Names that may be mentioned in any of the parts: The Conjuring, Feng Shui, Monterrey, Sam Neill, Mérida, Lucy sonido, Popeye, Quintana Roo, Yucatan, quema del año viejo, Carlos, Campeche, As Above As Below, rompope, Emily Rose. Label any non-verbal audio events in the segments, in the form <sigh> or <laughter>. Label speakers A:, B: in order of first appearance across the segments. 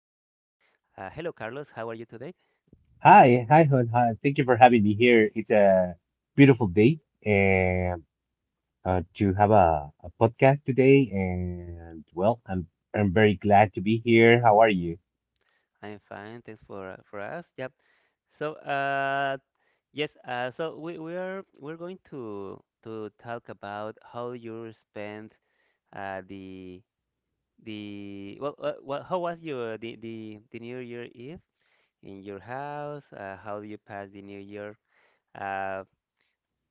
A: Hello, Carlos. How are you today?
B: Hi, Hun. Hi. Thank you for having me here. It's a beautiful day and to have a podcast today. And well, I'm very glad to be here. How are you?
A: I'm fine. Thanks for us. Yep. So yes. So we're going to talk about how you spent, the well, how was your the New Year Eve in your house? How you passed the New Year? Uh,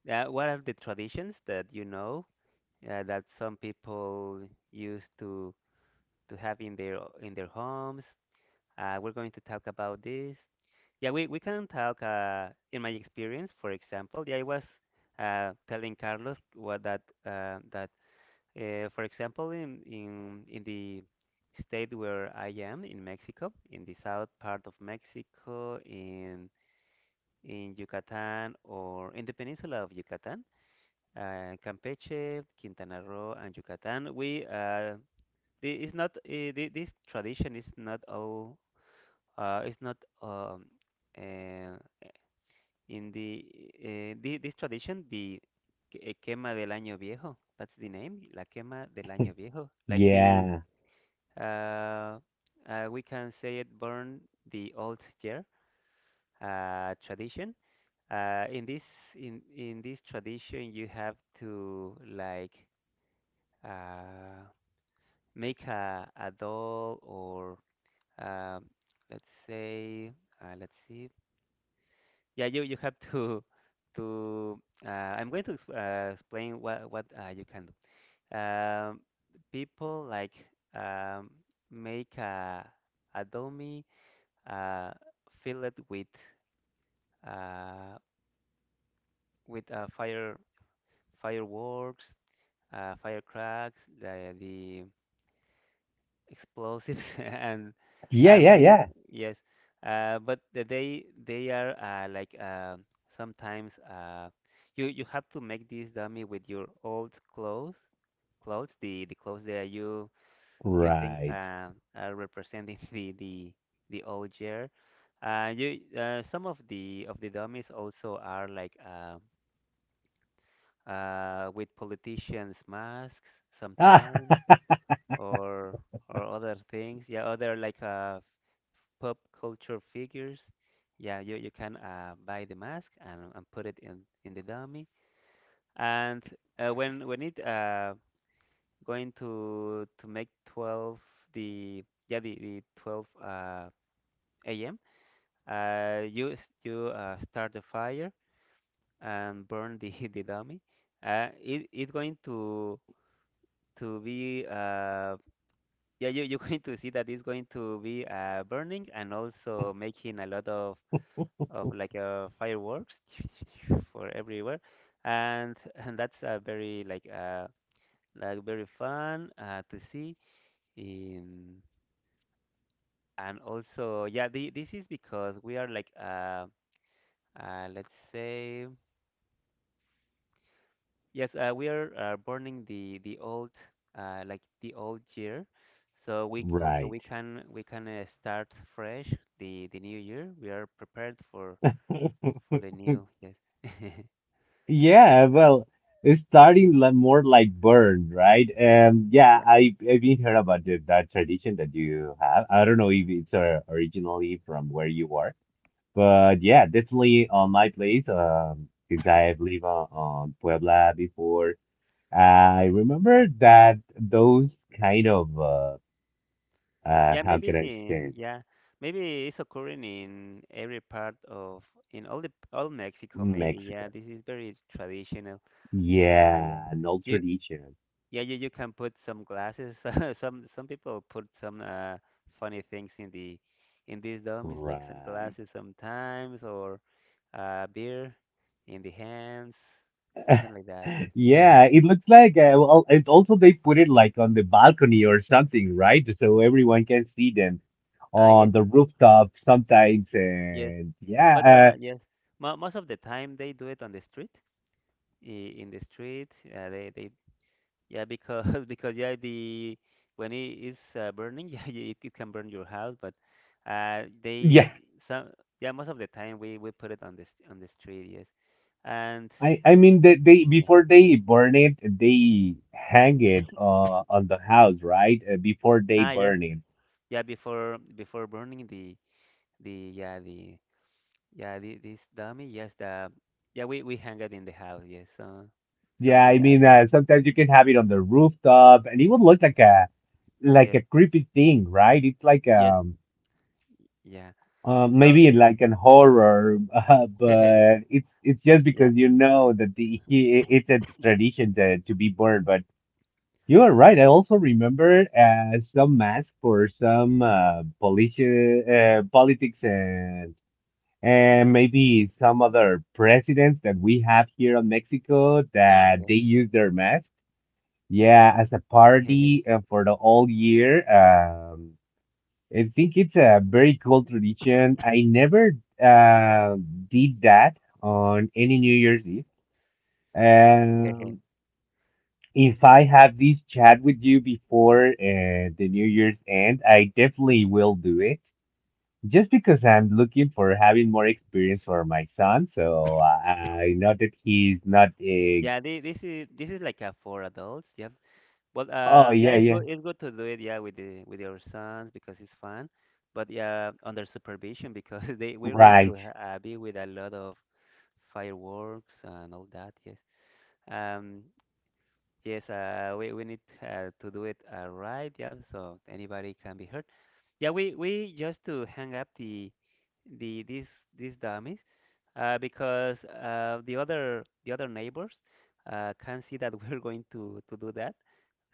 A: What are the traditions that you know, that some people used to have in their homes? We're going to talk about this. Yeah, we can talk, in my experience, for example. Yeah, I was telling Carlos what that that for example, in in the state where I am in Mexico, in the south part of Mexico, in Yucatan, or in the peninsula of Yucatan, Campeche, Quintana Roo, and Yucatan. We the- it's not the- this tradition is not all it's not um, uh, in the this tradition, quema del año viejo. That's the name, la quema del año viejo. Like the,
B: Yeah,
A: uh, we can say, it burn the old year tradition. Uh, in this in this tradition, you have to Uh, make a doll, or um, let's say let's see yeah, you have to <laughs> to, I'm going to exp- explain what you can do. People like, um, make a dummy, uh, fill it with, uh, with uh, fire fireworks, firecracks, the explosives, <laughs>
B: yeah,
A: and
B: yeah,
A: we
B: yeah.
A: yes but the- they are, sometimes, you you have to make this dummy with your old clothes, clothes the clothes that you think,
B: Right.
A: are representing <laughs> the the old year. Uh, you, some of the dummies also are like, with politicians masks
B: Ah,
A: sometimes, or or other things. Yeah, other like, pop culture figures. Yeah, you can, buy the mask and put it in the dummy. And when it going to make 12, the yeah, the 12 a.m. You start the fire and burn the <laughs> the dummy. It's going to be, yeah, you, you're <laughs> going to see that it's going to be, burning and also making a lot of like, fireworks <laughs> <tsk> for everywhere. And that's, very like very fun to see. In, and also, yeah, this is because we are like, let's say. Yes, we are, burning the old, like the old year, so so
B: <laughs> right.
A: we can start fresh the new year. We are prepared
B: <laughs>
A: for the new, yes. <laughs>
B: Yeah, well, it's starting more like burn, right? Yeah,
A: Yeah,
B: I I've been heard about that tradition that you have. I don't know if it's originally from where you are. But yeah, definitely on my place. Since I've lived on Puebla before, I remember that those kind of
A: yeah,
B: how
A: maybe
B: can
A: it's
B: I say
A: in,
B: it?
A: yeah, maybe it's occurring in every part of, in all the all Mexico. Maybe, yeah,
B: Mexico?
A: this is very traditional. Uh,
B: Yeah,
A: yeah,
B: an old
A: you
B: tradition,
A: Yeah, you can put some glasses. <laughs> Some people put some, funny things in the in these dummies, like some
B: right?
A: glasses sometimes, or, beer in the hands, something
B: <laughs>
A: like that. Yes.
B: Yeah,
A: <laughs>
B: it looks like well, and also they put it like on the balcony or something, right? So everyone can see them
A: Ah,
B: on
A: yes,
B: the rooftop sometimes,
A: yes.
B: and
A: But
B: yeah,
A: yes, mo most of the time they do it on the street. In the street, they yeah, because <laughs> because yeah, the when it is, burning, <laughs> yeah, yeah, it can burn your house. But, they
B: yeah.
A: some yeah, most of the time we put it on this on the street, yes. And
B: I mean they
A: Yeah,
B: before they burn it, they hang it on the house, right? Before they
A: ah yes,
B: burn it.
A: yeah, before burning the the yeah the yeah, the, this dummy, yes, the yeah, we hang it in the house, yes. So some
B: Yeah,
A: do
B: I
A: that,
B: mean
A: yes,
B: sometimes you can have it on the rooftop, and it would look like
A: yes,
B: a creepy thing, right? It's like
A: yes, yeah. So
B: maybe like an horror, <laughs>
A: <laughs>
B: but it's just
A: yeah,
B: because you know that it's a tradition to be burned. But you are right. I also remember some mask for some police, politics. And maybe some other presidents that we have here in Mexico
A: ah
B: that
A: yes.
B: they use their mask. Yeah, as a party for the whole year. I think it's a very cool tradition. I never uh, did that on any New Year's Eve. Um,
A: <laughs>
B: if I have this chat with you before the New Year's end, I definitely will do it. Just because I'm looking for having more experience for my son, so I know that he's not a.
A: Yeah, this is like a for adults. Yeah, but
B: Oh
A: yeah,
B: yeah,
A: it's
B: yeah.
A: good. It's good to do it, yeah, with the with your sons because it's fun. But yeah, under supervision because <laughs> they we're going
B: Right,
A: to be with a lot of fireworks and all that. Yes. Um. Yes. We need to do it right. Yeah. So anybody can be hurt. Yeah. We just to hang up the the these these dummies, because, the other neighbors, can see that <laughs> we're going to do that,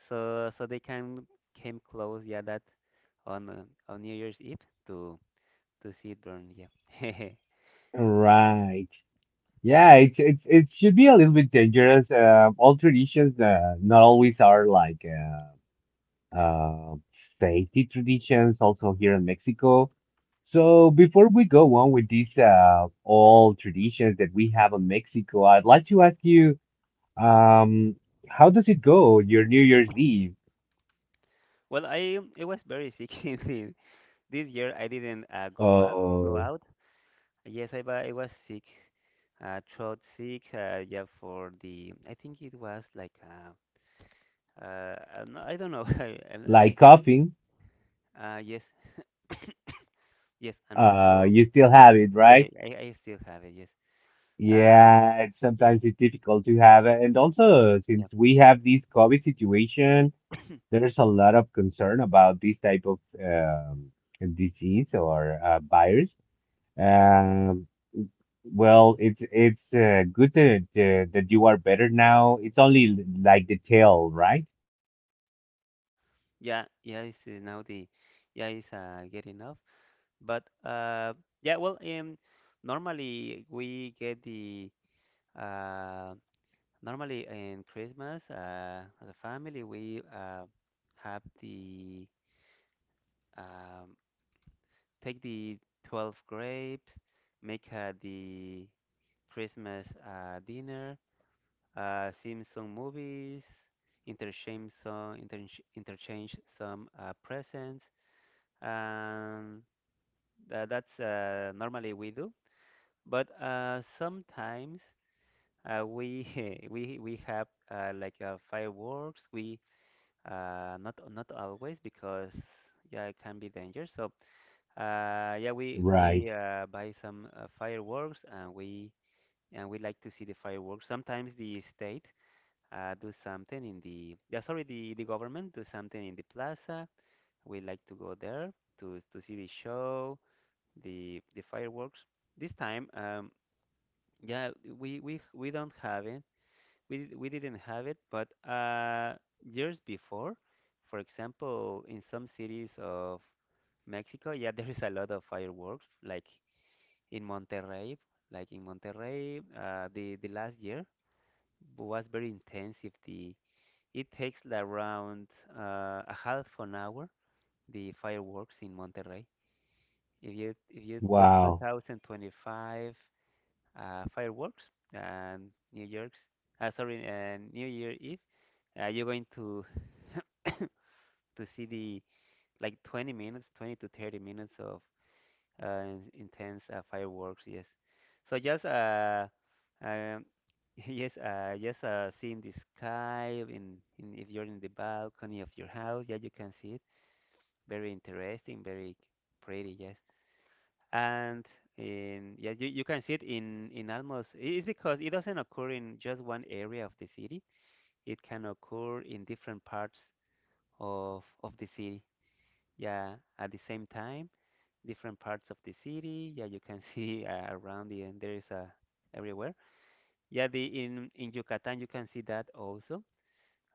A: so so they can came close, yeah, that on, on New Year's Eve to to see it burn, yeah. <laughs>
B: right. Yeah, it's it should be a little bit dangerous. All traditions not always are like uh, uh, safety traditions. Also here in Mexico. So before we go on with these all traditions that we have in Mexico, I'd like to ask you, um, how does it go, your New Year's Eve?
A: Well, I was very sick <laughs> this year. I didn't, go out go
B: Oh,
A: out. Yes, I was sick, throat sick. Yeah, for the I think it was like, I don't know. <laughs> I mean,
B: like coughing,
A: yes, <coughs> yes, and also
B: you still have it,
A: <laughs>
B: right?
A: I I still have it. Yes. Um.
B: Yeah, it's,
A: Yeah.
B: sometimes it's difficult to have it. And also,
A: Yeah.
B: since we have this COVID situation,
A: <coughs>
B: there's a lot of concern about this type of um, disease or virus. Um, well, it's good that, that you are better now. It's only like the tail, right?
A: Yeah, yeah, it's, now the yeah, it's, getting off. But, yeah, well, normally we get the, uh, normally in Christmas, as a family we, have the um, take the 12 grapes, make, the Christmas, dinner, see some movies, interchange some, presents. And That, that's, normally we do, but, sometimes, we <laughs> we have, fireworks. We, not always because yeah, it can be dangerous. So, yeah, we,
B: Right.
A: buy some, fireworks and we like to see the fireworks. Sometimes the state do something in the yeah sorry the government do something in the plaza. We like to go there to see the show, the fireworks. This time, yeah, we don't have it. We didn't have it, but, years before, for example, in some cities of Mexico, yeah, <laughs> there is a lot of fireworks, like in Monterrey, the last year was very intensive. The it takes around, a half an hour, the fireworks in Monterrey. If you put
B: Wow.
A: 2025 fireworks and New York's. New Year Eve. You're going to <coughs> to see the like 20 minutes, 20 to 30 minutes of, uh, intense, fireworks. Yes. So just, um, <laughs> yes, just, seeing the sky in, if you're in the balcony of your house, yeah, you can see it. Very interesting, very pretty. Yes. And in, yeah, you can see it in almost, it's because it doesn't occur in just one area of the city. It can occur in different parts of the city. Yeah, at the same time, different parts of the city. Yeah, you can <laughs> see, around the end, there is a, everywhere. Yeah, the, in Yucatan, you can see that also.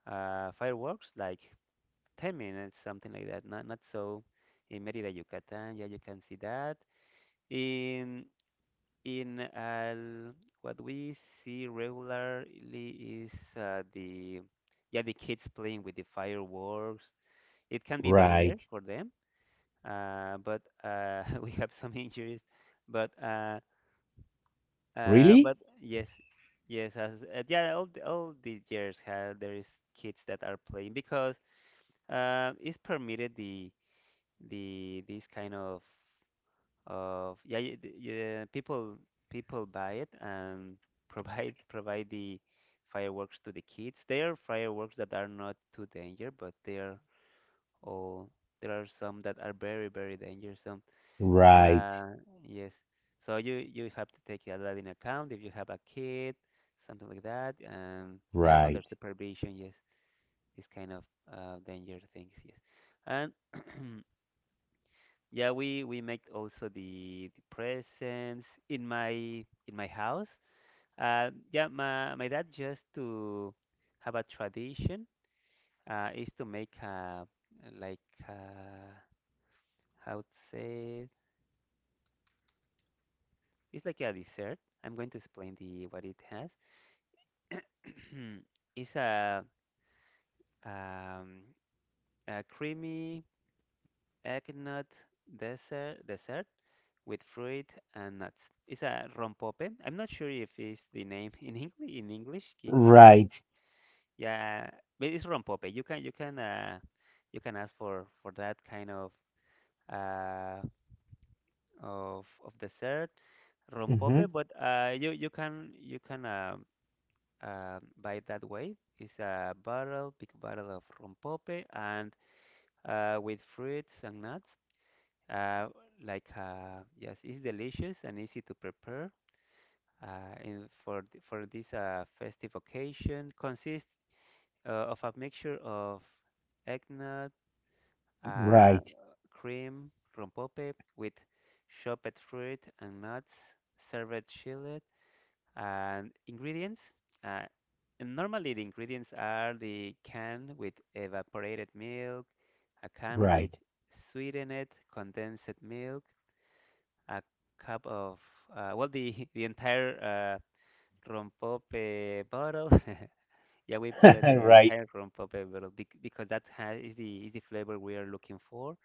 A: Fireworks, like 10 minutes, something like that. Not, not so in Mérida, Yucatan. Yeah, you can see that. In in what we see regularly is, the yeah, the kids playing with the fireworks. It can be danger
B: Right.
A: for them, but <laughs> we have some injuries. But,
B: Really?
A: but yes, yes, as, yeah, all all the years have, there is kids that are playing because, it's permitted, the these kind of of yeah, y- th- yeah people people buy it and <laughs> provide the fireworks to the kids. They are fireworks that are not too danger, but they are all, there are some that are very very dangerous. Some
B: Right.
A: uh yes, so you have to take that in account if you have a kid, something like that, and yeah, under
B: Right.
A: supervision, yes, this kind of, danger things, yes, and. <clears throat> Yeah, we make also the presents in my house. Yeah, my my dad just to have a tradition, is to make a like, uh how to say it? It's like a dessert. I'm going to explain the what it has. <clears throat> It's a, um a creamy eggnog dessert with fruit and nuts. It's a rompope. I'm not sure if it's the name in English. In English, it can,
B: Right.
A: yeah, but it's rompope. You can you can ask for that kind of, uh of dessert, rompope,
B: hmm
A: but you you can um, buy it that way. It's a bottle, big bottle of rompope, and, with fruits and nuts. Uh, like, yes, it's delicious and easy to prepare. And for this, festive occasion, consists, of a mixture of eggnog, uh,
B: Right.
A: cream, rompope, with chopped fruit and nuts, served chilled, and ingredients. Uh, and normally, the ingredients are the can with evaporated milk, a can with
B: Right.
A: sweetened condensed milk, a cup of well, the <laughs> the entire rompope bottle. <laughs> Yeah, we
B: <laughs>
A: put it the
B: Right.
A: entire rompope bottle because that has is the flavor we are looking for.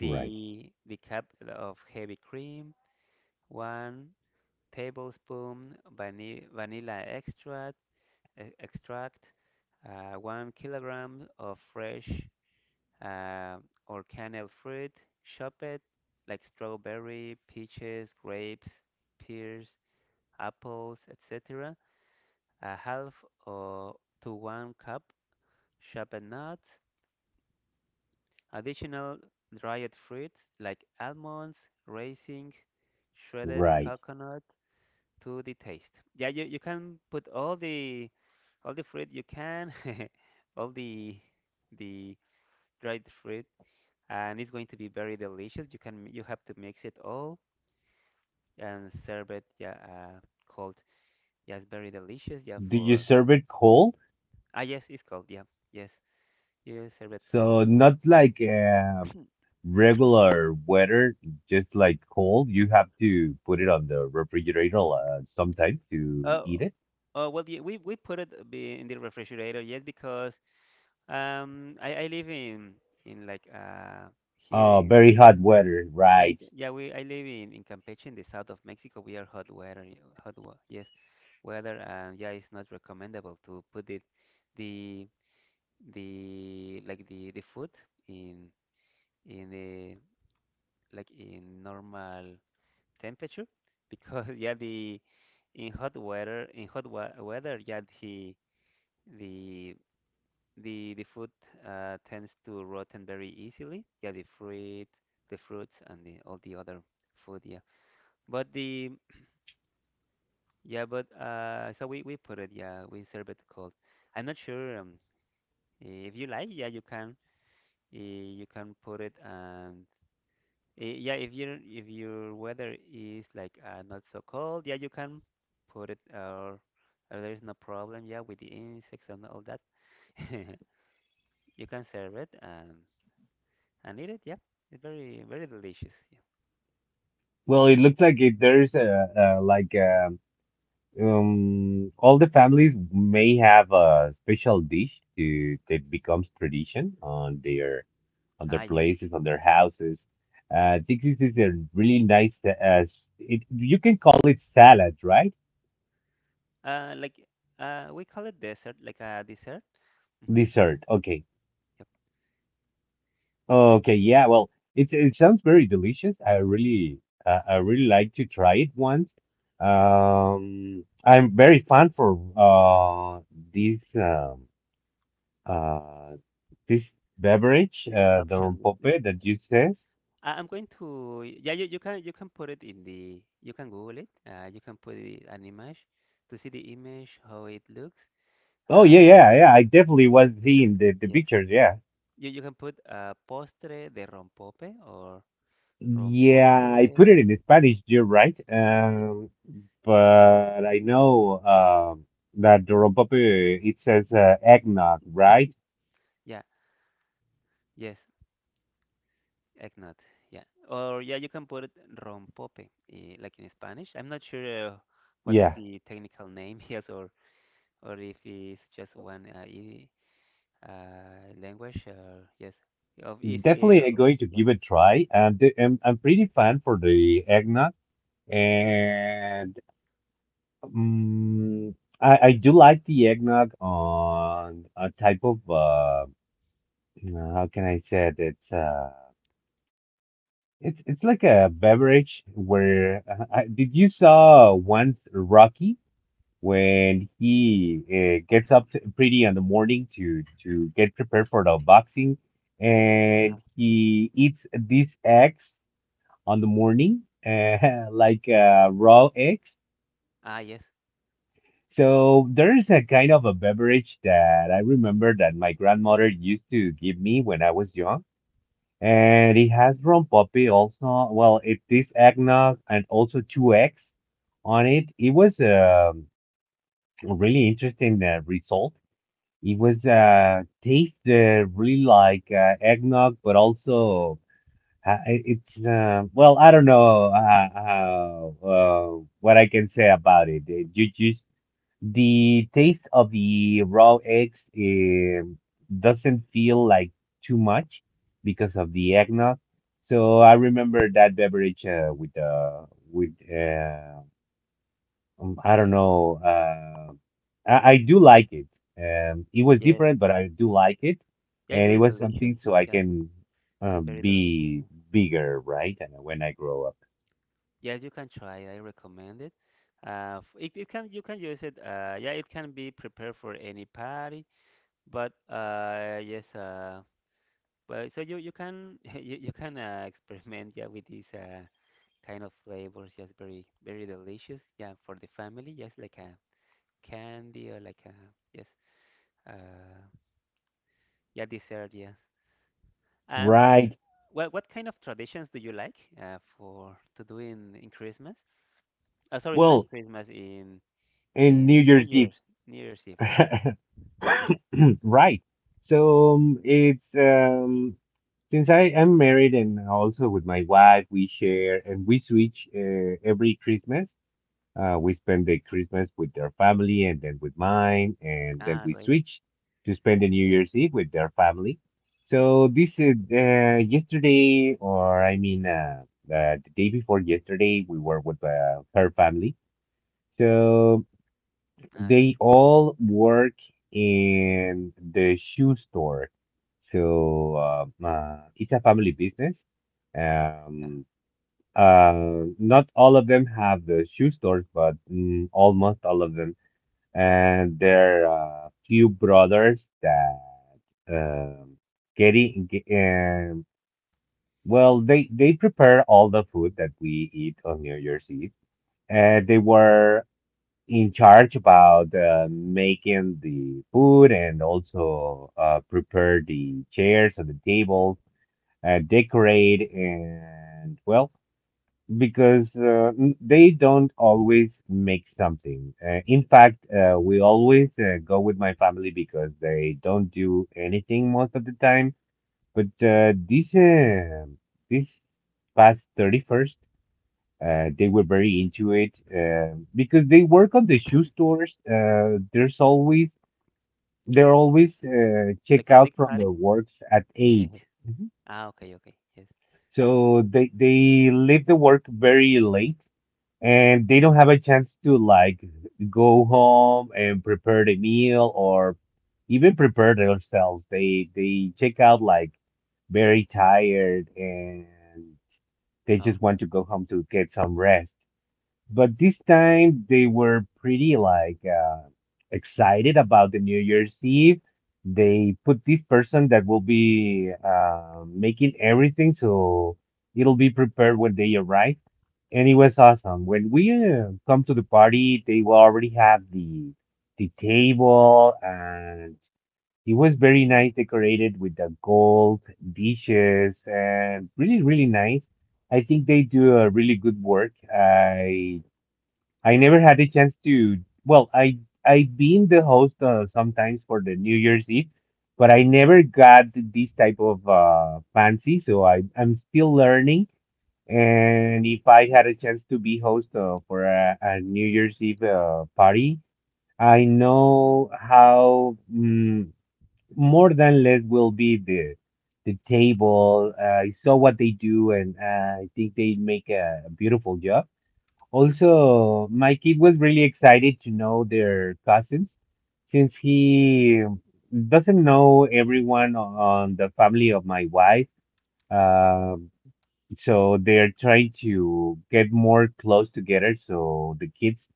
B: Right.
A: the cup of heavy cream, one tablespoon vanilla extract extract, 1 kilogram of fresh uh, or canned fruit, chopped, like strawberry, peaches, grapes, pears, apples, etc., a half or to one cup sharpened nuts, additional dried fruits like almonds, raisins, shredded
B: Right.
A: coconut to the taste. Yeah, you can put all the fruit you can, <laughs> all the the dried fruit, and it's going to be very delicious. You have to mix it all and serve it. Yeah, cold. Yeah, it's very delicious. Yeah.
B: Do you
A: For
B: serve it cold?
A: ah, yes, it's cold. Yeah, yes. Yes, a it cold.
B: So
A: Yeah.
B: not like regular weather, just like cold. You have to put it on the refrigerator sometime to
A: Uh,
B: eat it.
A: well, yeah, we put it be in the refrigerator, yes, because I live in like here
B: Oh,
A: in,
B: very hot weather,
A: yeah
B: right?
A: yeah we, I live in Campeche in the south of Mexico. We are hot weather, hot yes, weather, and yeah, it's not recommendable to put it the the like the food in in the like in normal temperature, because <laughs> yeah the, in hot weather, in hot wa weather, yeah, the the food tends to rotten very easily, yeah, the fruit, the fruits, and the, all the other food, yeah, but so we put it, yeah, we serve it cold. I'm not sure, if you like, yeah, you can, eh, you can put it and. Yeah, if you, if your weather is like not so cold, yeah, you can put it, or there is no problem, yeah, with the insects and all that. <laughs> You can serve it and eat it, yeah. It's very very delicious. Yeah.
B: Well, it looks like it, there's a, like all the families may have a special dish to that becomes tradition on
A: Ah,
B: their
A: yes.
B: places, on their houses. This is a really nice as it you can call it salad, right?
A: Uh, like we call it dessert, like a dessert. Hmm.
B: Dessert. Okay.
A: Yep. Yes.
B: Okay. Yeah. Well, it's it sounds very delicious. I really like to try it once. I'm very fan for uh this uh this beverage
A: This
B: the
A: option, this,
B: rompope
A: this
B: that
A: dessert.
B: you says.
A: I'm going to, yeah, you can, you can put it in the, you can Google it. You can put it, an image to see the image how it looks.
B: Oh yeah,
A: Uh,
B: yeah, yeah. I definitely was seeing the
A: Yes.
B: pictures. Yeah.
A: You can put postre de rompope or
B: Yeah, I
A: rompope.
B: put it in Spanish, you're right.
A: Yes, yes.
B: But I know um, that the rompope, it says eggnog, right?
A: Yeah, yes, eggnog. Yeah. Or yeah, you can put it rompope, like in Spanish. I'm not sure what's
B: Yeah,
A: the technical name, <laughs> yes, or if it's just one language. Yes. Of is
B: definitely I'm going to
A: yeah.
B: give it a try. The, I'm pretty fan for the eggnog, and um, I do like the eggnog on a type of, you know, how can I say it? It's like a beverage where did you saw once Rocky when he gets up t pretty in the morning to get prepared for the boxing
A: Uh-huh.
B: and he eats these eggs on the morning <laughs> like raw eggs.
A: Ah, yes. <laughs>
B: So there's a kind of a beverage that I remember that my grandmother used to give me when I was young and it has rum poppy also. Well, it is eggnog and also two eggs on it. It was a really interesting result. It was taste really like eggnog, but also it's well, I don't know what I can say about it. You just the taste of the raw eggs doesn't feel like too much because of the eggnog. So I remember that beverage with I don't know. I do like it. It was
A: Yes.
B: different, but I do like it,
A: Yeah, it's
B: and it
A: very
B: was
A: delicious.
B: something so I
A: Yeah,
B: can
A: it's very delicious,
B: be
A: yeah.
B: bigger, right? And when I grow up,
A: Yes, you can try it. I recommend it. It, it can, you can use it. Yeah, it can be prepared for any party. But yes, well, so you can <laughs> you can experiment, yeah, with these kind of flavors. Yes, very very delicious. Yeah, for the family. Yes, like a candy, or like a, yes, uh, yeah, dessert. Yes. And
B: right?
A: well, what kind of traditions do you like for to do in Christmas? Sorry, not in
B: Well,
A: Christmas. In
B: in New
A: New
B: Year's Eve.
A: Year's, New Year's Eve, yeah, yeah.
B: <laughs> Right. So it's since I am married and also with my wife, we share and we switch every Christmas. We spend the Christmas with their family and then with mine, and then
A: Ah,
B: we
A: great.
B: switch to spend the New
A: Yeah.
B: Year's Eve with their family. So this is yesterday, or I mean, the day before yesterday, we were with her family. So
A: Ah, great.
B: they
A: Hmm.
B: all work in the shoe store. So it's a family business.
A: Yeah,
B: Um, not all of them have the shoe stores, but mm, almost all of them. And
A: yeah.
B: there are a few brothers that um, getting ge- um, well, they prepare all the food that we eat on New Year's Eve. And they were in charge about making the food and also prepare the chairs and the tables, decorate and well, because they don't always make something. In fact, we always go with my family because they don't do anything most of the time. But this past 31st. They were very into it because they work on the shoe stores. There's always They're always
A: Like
B: check
A: a
B: out
A: big
B: from
A: party?
B: their works at 8
A: <laughs>
B: Mhm.
A: Ah, okay, okay. Yes.
B: So they leave the work very late and they don't have a chance to like go home and prepare the meal or even prepare themselves. They check out like very tired and they
A: Oh,
B: just
A: yeah.
B: want to go home to get some rest. But this time they were pretty like excited about the New Year's Eve. They put this person that will be making everything so it'll be prepared when they arrive. And it was awesome. When we come to the party, they will already have the table and it was very nice decorated with the gold dishes and really, really nice. I think they do a really good work. I never had a chance to. Well, I I've been the host sometimes for the New Year's Eve, but I never got this type of fancy. So I'm still learning. And if I had a chance to be host a New Year's Eve party, I know how mm, more than less will be the table. I saw what they do, and I think they make a beautiful job. Also, my kid was really excited to know their cousins since he doesn't know everyone on the family of my wife. Um, so they're trying to get more close together so the kids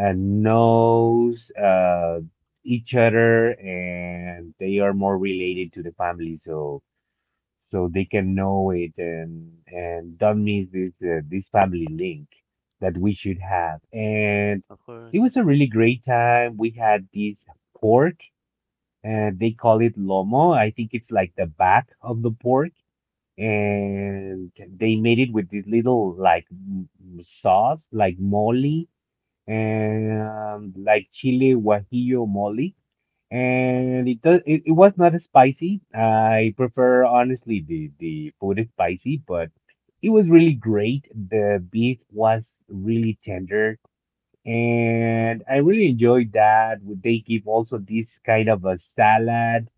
B: knows each other and they are more related to the family. So so they can know it and don't miss this this family link that we should have. And
A: Of course,
B: it
A: yeah.
B: was a really great time. We had this pork, and they call it lomo. I think it's like the back of the pork, and they made it with this little like sauce, like mole, and like chile guajillo mole and it does it, it was not spicy. I prefer honestly the food is spicy, but it was really great. The beef was really tender and I really enjoyed that. They give also this kind of a salad.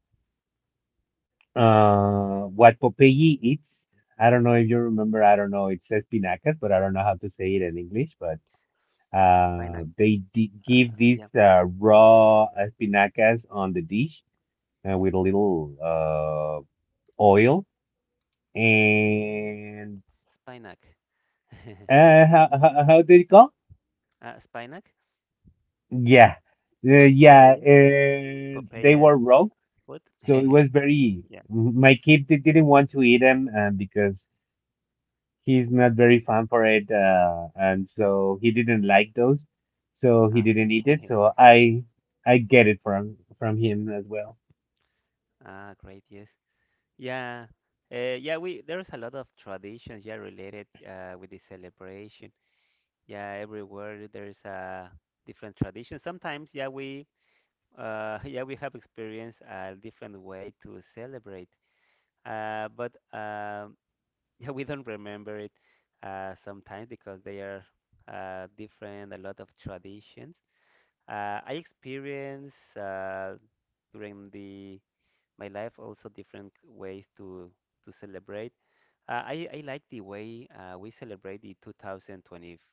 B: What Popeye eats. I don't know if you remember, I don't know, it says espinacas, but I don't know how to say it in English, but
A: Spinac.
B: give
A: Yeah.
B: these raw espinacas on the dish with a little oil and
A: Spinac. <laughs>
B: how did it go?
A: Spinac,
B: Yeah,
A: like
B: yeah,
A: Popeye.
B: they
A: Popeye's
B: were raw,
A: foot.
B: so it
A: <laughs>
B: was very.
A: Yeah.
B: My kid didn't want to eat them because he's not very fan for it, and so he didn't like those, so he
A: Ah, yeah.
B: didn't eat it.
A: <laughs>
B: So I get it from him as well.
A: Ah, great. Yes. Yeah. Yeah. We There's a lot of traditions. Yeah, related with the celebration. Yeah, everywhere there's a different tradition. Sometimes, yeah, we <laughs> yeah, we have experienced a different way to celebrate, but <laughs> yeah, we don't remember it sometimes, because they are different, a lot of traditions. I experience during the my life also different ways to celebrate. I like the way we celebrate the 2025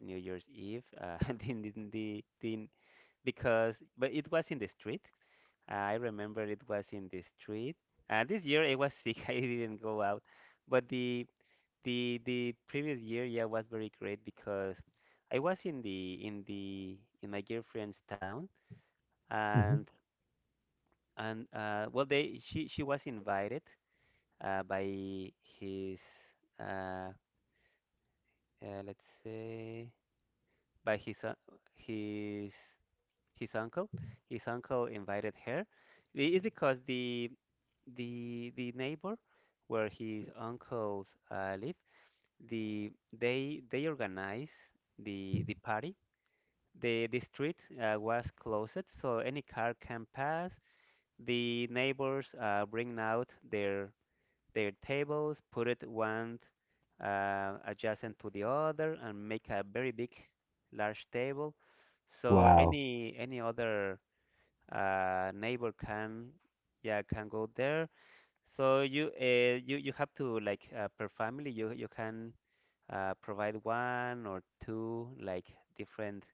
A: New Year's Eve. <laughs> Because but it was in the street. I remember it was in the street. And this year I was sick. <laughs> I didn't go out. But the previous year, yeah, was very great, because I was in the in the in my girlfriend's town,
B: Mhm.
A: and and well they she was invited by his uh, let's say by his un- his his uncle. His uncle invited her. It's because the neighbor where his uncles live, the they organize the party, the street was closed so any car can pass, the neighbors bring out their tables, put it one adjacent to the other and make a very big large table, so
B: Wow.
A: any other neighbor can, yeah, can go there. So you you you have to like per family, you can provide one or two, like different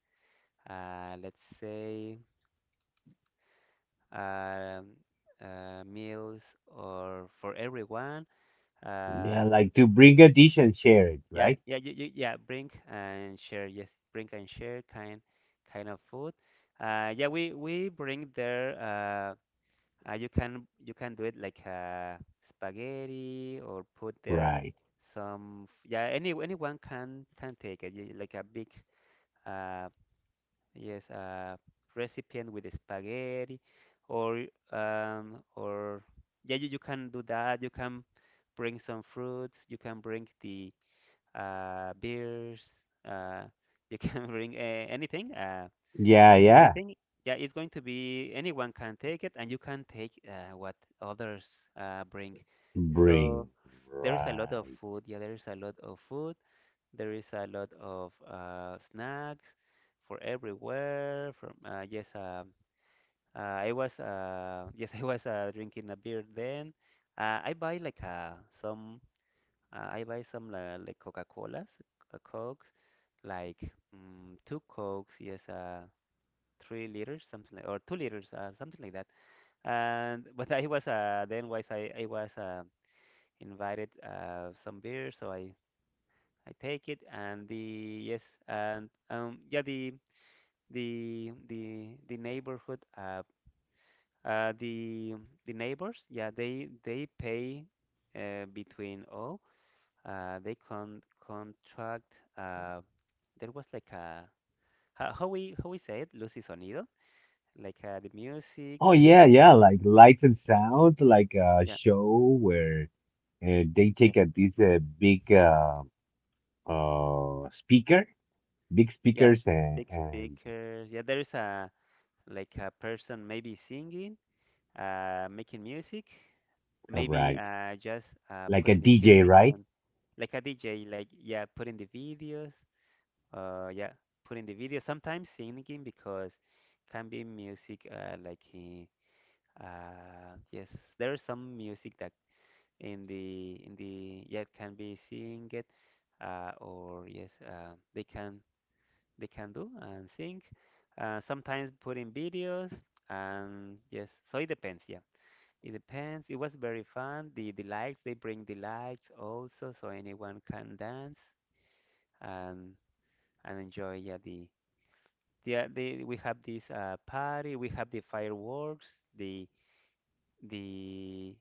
A: let's say um meals or for everyone. Uh,
B: Yeah, like to bring a dish and share it,
A: yeah,
B: right?
A: yeah, yeah, bring and share, yes, bring and share kind kind of food. Yeah, we bring there you, can you can do it like spaghetti, or put there
B: Right.
A: yeah, any, anyone can take it, like a big uh, yes uh, recipient with spaghetti, or um, or yeah, you can do that, you can bring some fruits, you can bring the beers, uh, you can <laughs> bring anything Uh,
B: Yeah, yeah.
A: anything. Yeah, it's going to be, anyone can take it, and you can take what others bring, so
B: Bring.
A: there is a lot of
B: Right.
A: food. Yeah, there is a lot of food, there is a lot of snacks for everywhere from I was <laughs> yes, I was drinking a beer, then I buy like some I buy some like Coca-Colas, Cokes, like mm, two Cokes, yes, 3 liters, something like, or 2 liters, something like that. And but I was then was I was invited some beer, so I take it, and the, yes, and yeah, the neighborhood uh the the neighbors, yeah, they pay between all. They contract uh there was like a, how we say it, Lucy sonido, like the
B: Oh
A: music,
B: yeah, yeah, like lights and sound, like a
A: yeah.
B: show where they take
A: Yes.
B: a, this big speaker, big
A: Yeah,
B: speakers and,
A: big
B: and
A: speakers. Yeah, there is a like a person maybe singing, making music,
B: uh,
A: maybe
B: right,
A: just
B: like a
A: putting the <laughs>
B: DJ,
A: music,
B: right?
A: and like a DJ, like, yeah, putting the videos. Yeah, putting the video. Sometimes singing, because can be music yes, there is some music that in the in the, yeah, can be singing it, or yes, they can, they can do and sing. Sometimes put in videos, and yes, so it depends. Yeah, it depends. It was very fun. The lights, they bring the lights also, so anyone can dance and and enjoy. Yeah, the the we have this party. We have the fireworks. The the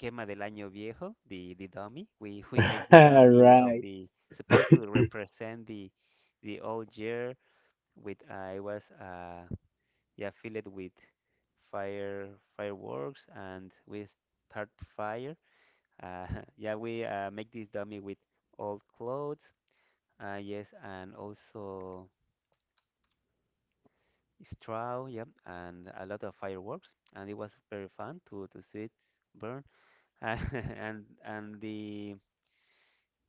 A: quema del año viejo. The dummy. We <laughs> we make
B: <laughs>
A: the dummy of
B: Right.
A: the, supposed to represent the old year with it was yeah, fill it with fire fireworks, and we start fire, uh, <laughs> yeah, we make this dummy with old clothes, yes, and also straw, yeah, and a lot of fireworks, and it was very fun to see it burn, <laughs> and the,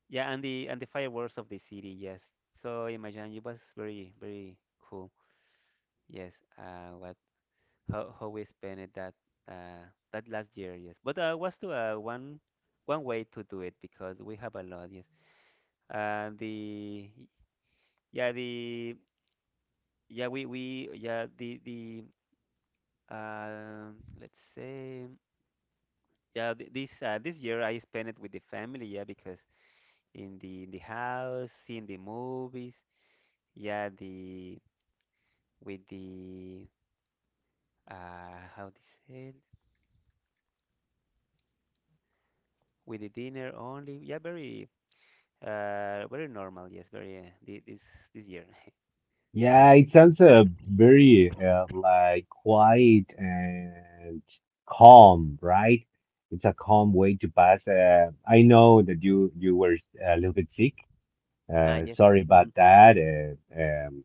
A: yeah, and the fireworks of the city, yes, so imagine, it was very very cool. Yes, what, how we spent it, that uh, that last year, yes. But was to one one way to do it, because we have a lot, yes. Uh, the yeah the yeah we yeah the uh, let's say Yeah, this this year I spent it with the family, yeah, because in the house, seeing the movies, yeah, the with the how to say it, with the dinner only, yeah, very. Very normal, yes, very this this year. <laughs>
B: Yeah, it sounds very like quiet and calm, right? It's a calm way to pass. I know that you were a little bit sick.
A: Ah, yes.
B: Sorry about
A: Hmm.
B: that. Um,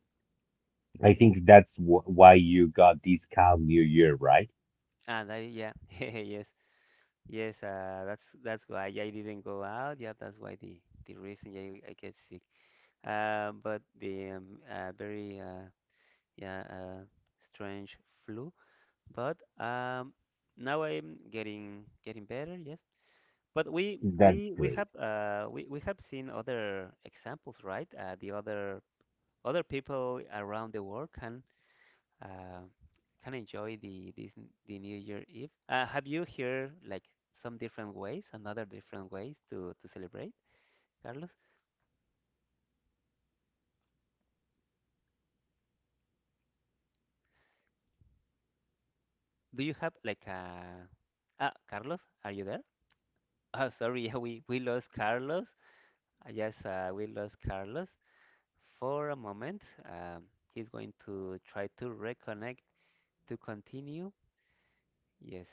B: I think that's wh why you got this calm new year, right?
A: Ah, that, yeah, <laughs> yes, yes. That's why I didn't go out. Yeah, that's why the reason, yeah, I get sick. But the very yeah uh, strange flu. But now I'm getting getting better. Yes. But we
B: That's
A: we we
B: great.
A: have we have seen other examples, right? The other other people around the world uh, can enjoy the this the New Year Eve. Have you heard like some different ways, another different ways to celebrate, Carlos? Do you have like a, ah, Carlos, are you there? <laughs> Oh, sorry, yeah, we lost Carlos. Yes, we lost Carlos for a moment. Um, he's going to try to reconnect to continue. Yes.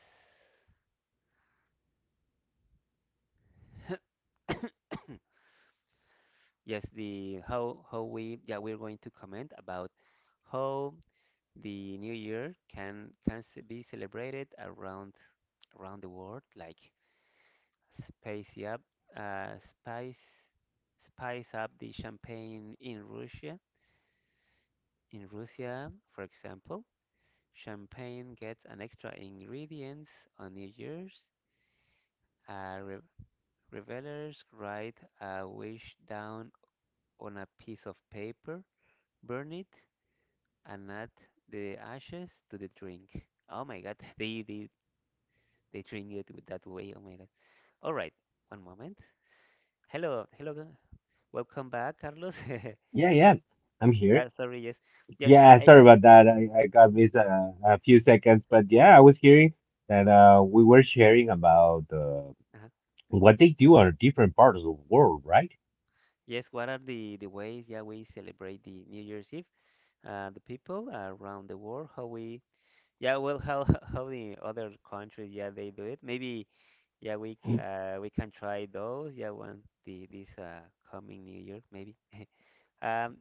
A: Yes, the how we yeah we're going to comment about how the New Year can be celebrated around the world, like spice up, uh, spice spice up the champagne in Russia. In Russia, for example, champagne gets an extra ingredients on New Year's. Re Revelers write a wish down on a piece of paper, burn it, and add the ashes to the drink. Oh my God, <laughs> they train you that way. Oh my God. All right, one moment. Hello, hello. Welcome back, Carlos. <laughs>
B: Yeah, yeah, I'm here.
A: Yeah, sorry, yes. Yes, I,
B: Yeah,
A: I
B: sorry
A: yeah.
B: about that. I got missed
A: Yeah.
B: a few seconds, but yeah, I was hearing that we were sharing about
A: Uh-huh.
B: what they do on different parts of the world, right?
A: Yes, what are the ways, yeah, we celebrate the New Year's Eve? The people around the world, how we yeah, well, how <laughs> how the other countries, yeah, they do it. Maybe yeah, we can try those, yeah, one the this coming New Year, maybe. Um,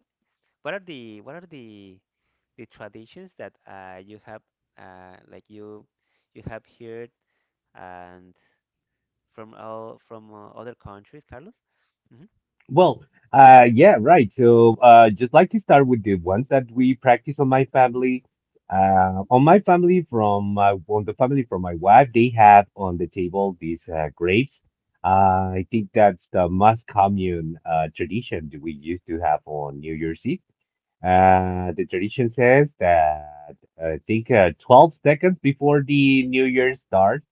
A: What are the what are the traditions that you have like you have heard and from all from other countries, Carlos? Hmm.
B: Well, yeah, right. So, just like to start with the ones that we practice on my family. On my family, from my, on the family from my wife, they have on the table these grapes. I think that's the most common tradition that we used to have on New Year's Eve. The tradition says that I think 12
A: Yeah.
B: seconds before the new year starts,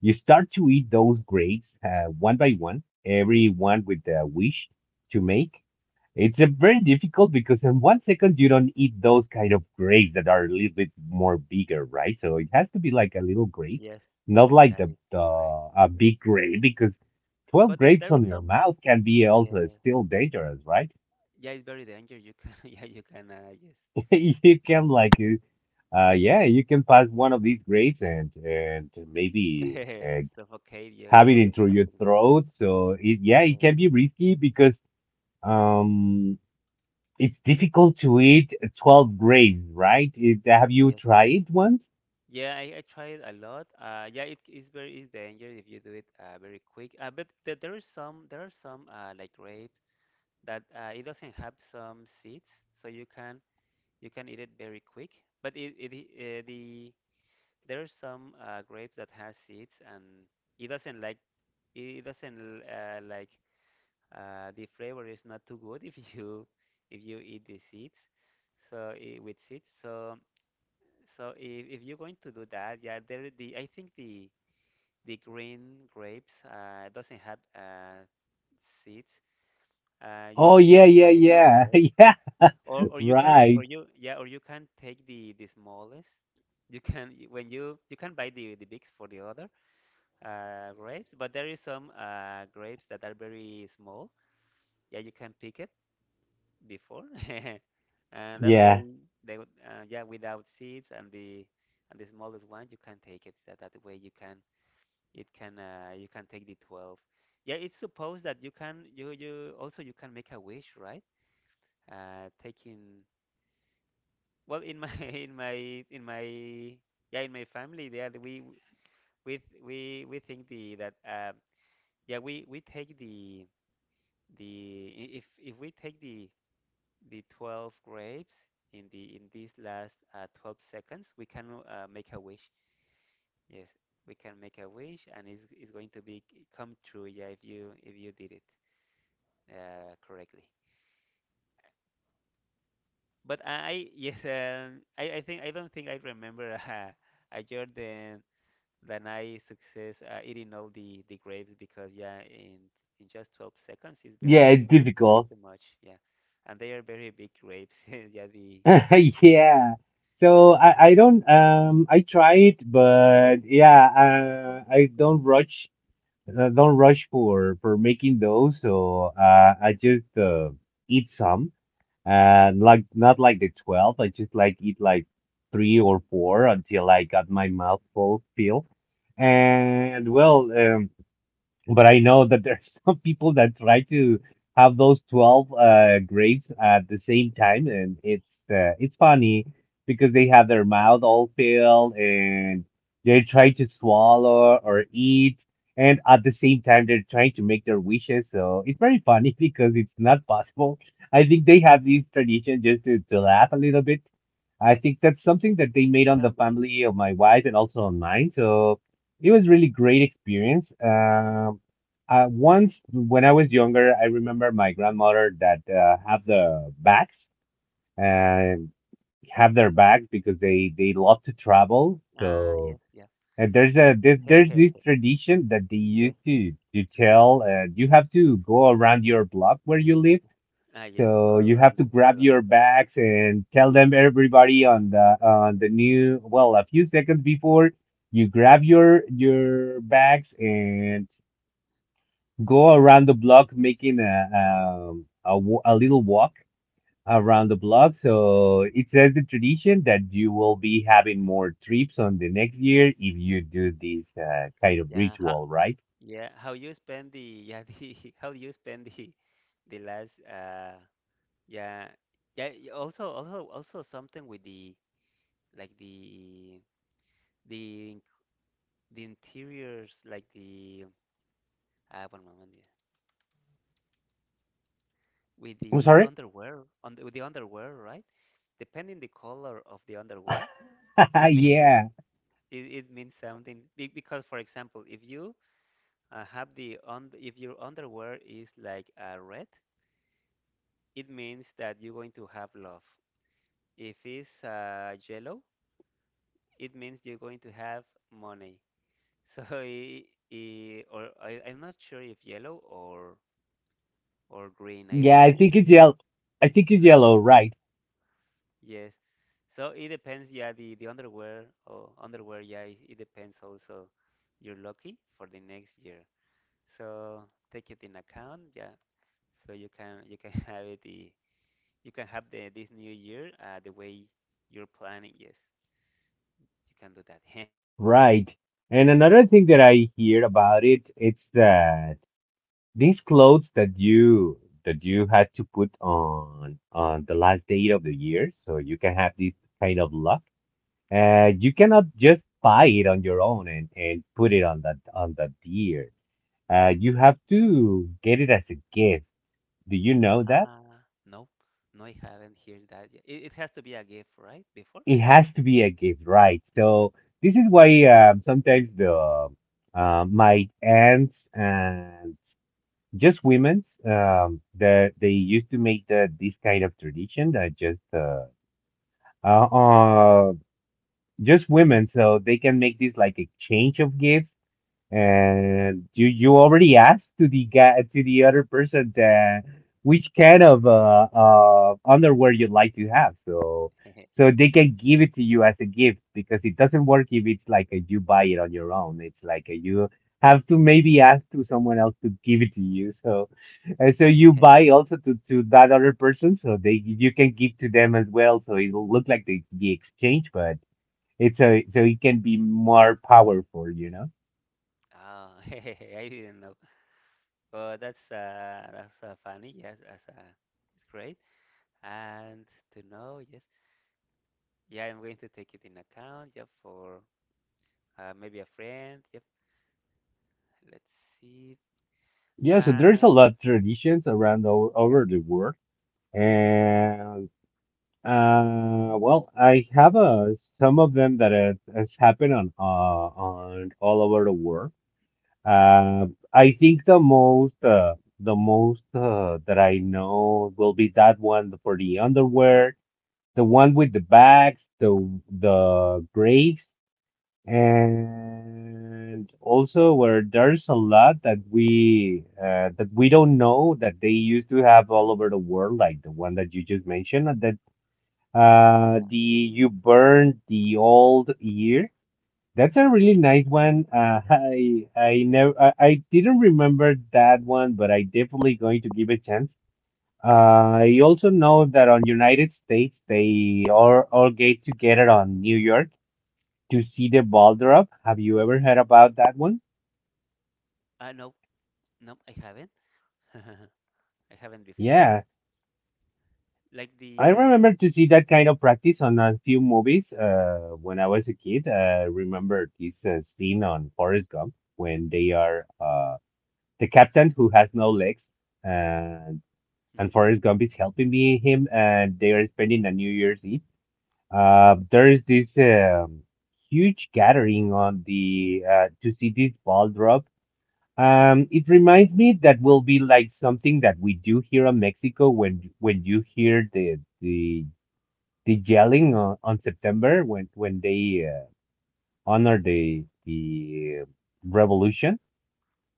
B: you start to eat those grapes one by one, every one with a wish to make. It's a very difficult because in 1 second you don't eat those kind of grapes that are a little bit more bigger, right? So it has to be like a little grape,
A: Yes,
B: not like
A: that
B: the
A: is
B: the
A: correct.
B: a big grape because 12
A: But yeah,
B: grapes
A: there is
B: on your
A: some.
B: mouth can be also
A: Yeah.
B: still dangerous, right?
A: Yeah, it's very dangerous. You can <laughs> yeah, you can
B: <laughs> You can like yeah, you can pass one of these grapes and maybe
A: yes. <laughs> Suffocate you
B: have it
A: or
B: into your
A: something like that.
B: throat. So it, yeah, it
A: Yeah.
B: can be risky because um it's difficult to eat 12 grapes, right? It, have you
A: Yes.
B: tried once?
A: Yeah. I tried a lot. Yeah, it is very is dangerous if you do it very quick. But there is some there are some like rape that it doesn't have some seeds, so you can eat it very quick. But it the there are some grapes that has seeds, and it doesn't like it doesn't like the flavor is not too good <laughs> if you eat the seeds. So it, with seeds, so so if you're going to do that, yeah, there the I think the green grapes doesn't have seeds. You
B: Oh
A: you
B: yeah,
A: can
B: yeah,
A: try it that
B: yeah. <laughs>
A: way.
B: Yeah,
A: Or you can
B: right.
A: or you yeah or you can take the smallest. You can when you can buy the bigs for the other grapes, but there is some grapes that are very small. Yeah, you can pick it before, <laughs> and that
B: Yeah.
A: way they would, yeah without seeds and the smallest one you can take it. That that way you can it can you can take the 12. Yeah, it's supposed that you can you you also you can make a wish, right? Taking well, in my <laughs> in my yeah in my family, yeah, we we think the that yeah we take the if we take the 12 grapes in the in these last 12 seconds, we can make a wish. Yes, we can make a wish, and it's going to be come true. Yeah, if you did it correctly. But I <laughs> yes I think I don't think I remember <laughs> a Jordan. Then I success eating all the grapes because yeah, in just 12 seconds is
B: Yeah,
A: very
B: it's
A: is
B: difficult.
A: too much. Yeah, and they are very big grapes. <laughs> Yeah, the
B: <laughs> Yeah. So I don't I try it, but yeah, I don't rush for making those. So I just eat some and like not like the 12. I just like eat like three or four until I got my mouth full feel. And well, but I know that there's <laughs> some people that try to have those 12 grapes at the same time, and it's funny because they have their mouth all filled and they try to swallow or eat, and at the same time they're trying to make their wishes. So it's very funny <laughs> because it's not possible. I think they have these traditions just to laugh a little bit. I think that's something that they made on
A: can
B: the
A: be.
B: family of my wife and also on mine. So it was really great experience. Once when I was younger, I remember my grandmother that have the bags and have their bags because they love to travel.
A: Ah, yes,
B: So
A: yeah.
B: and there's this
A: <laughs>
B: tradition that they
A: Yes.
B: used to tell you have to go around your block where you live
A: Ah, yes. All
B: so you
A: around
B: have
A: the
B: to grab
A: block.
B: your bags and tell them everybody on the new well a few seconds before you grab your bags and
A: Yeah.
B: go around the block making a a little walk around the block. So it says the tradition that you will be having more trips on the next year if you do this kind of
A: Yeah. How?
B: ritual, right?
A: Yeah. How you spend the? Yeah. The. <laughs> How you spend the? The last. Yeah. Yeah. Also. Also. Also something with the. Like the. The. in- The interiors. Like the uh, one moment. Yeah. With
B: I'm
A: the
B: sorry.
A: underwear, on the, with the underwear, right? Depending the color of the underwear,
B: <laughs>
A: it may
B: Yeah,
A: <laughs> it means something. Because, for example, if you have the on if your underwear is like red, it means that you're going to have love. If it's yellow, it means you're going to have money. So, <laughs> I'm not sure if yellow or green. I,
B: yeah.
A: I'm
B: I
A: not
B: think it's
A: sure.
B: yellow. I think it's
A: Yellow.
B: yellow, right?
A: Yes. So it depends, yeah, the underwear or underwear, yeah, it depends also you're lucky for the next year. So take it in account, yeah. So you can <laughs> have it the you can have the this new year the way you're planning. Yes, you can do that. <laughs>
B: Right. And another thing that I hear about it, it's that these clothes that you had to put on the last day of the year, so you can have this kind of luck.
A: Yeah.
B: You cannot just buy it on your own and put it on that year. You have to get it as a gift. Do you know that?
A: No, no, I haven't heard that yet. It has to be a gift, right? Before?
B: It has to be a gift, right? So this is why sometimes the
A: Oh.
B: my aunts and just women's that they used to make the this kind of tradition that uh, uh just women so they can make this like exchange of gifts and you already asked to the guy to the other person that which kind of underwear you'd like to have, so
A: <laughs>
B: so they can give it to you as a gift because it doesn't work if it's like a, you buy it on your own. It's like a, you have to maybe ask to someone else to give it to you. So and so you buy also to that other person, so they you can give to them as well. So it'll look like the exchange, but it's a so it can be more powerful, you know.
A: Ah, <laughs> I didn't know. But that's funny. Yes, that's it's great. And to know, yes, yeah, I'm going to take it in account. Yeah, for maybe a friend. Yep. Let's see.
B: Yeah, so there's a
A: And
B: lot of traditions around all
A: yeah,
B: over the world, and well, I have some of them that has happened on all over the world. Uh, I think the most that I know will be that one for the underwear, the one with the bags, the graves, and also where there's a lot that we don't know that they used to have all over the world, like the one that you just mentioned, that
A: yeah.
B: the
A: <laughs>
B: you burned the old year. That's a really nice one. I never I, I didn't remember that one, but I definitely going to give a chance. Uh, I also know that on United States they all get together on New York to see the boulder up? Have you ever heard about that one?
A: No, no, I haven't. <laughs> I haven't before.
B: Yeah,
A: Like
B: I
A: the.
B: remember to see
A: Mhm,
B: that kind of practice on a few movies when I was a kid. Remember this scene on Forrest Gump when they are the captain who has no legs
A: mhm,
B: and and
A: mhm.
B: Forrest Gump is helping me him and they are spending a New Year's Eve. There is this huge gathering on the to see this ball drop. It reminds me that will be like something that we do here in Mexico when you hear the yelling on September when they honor the revolution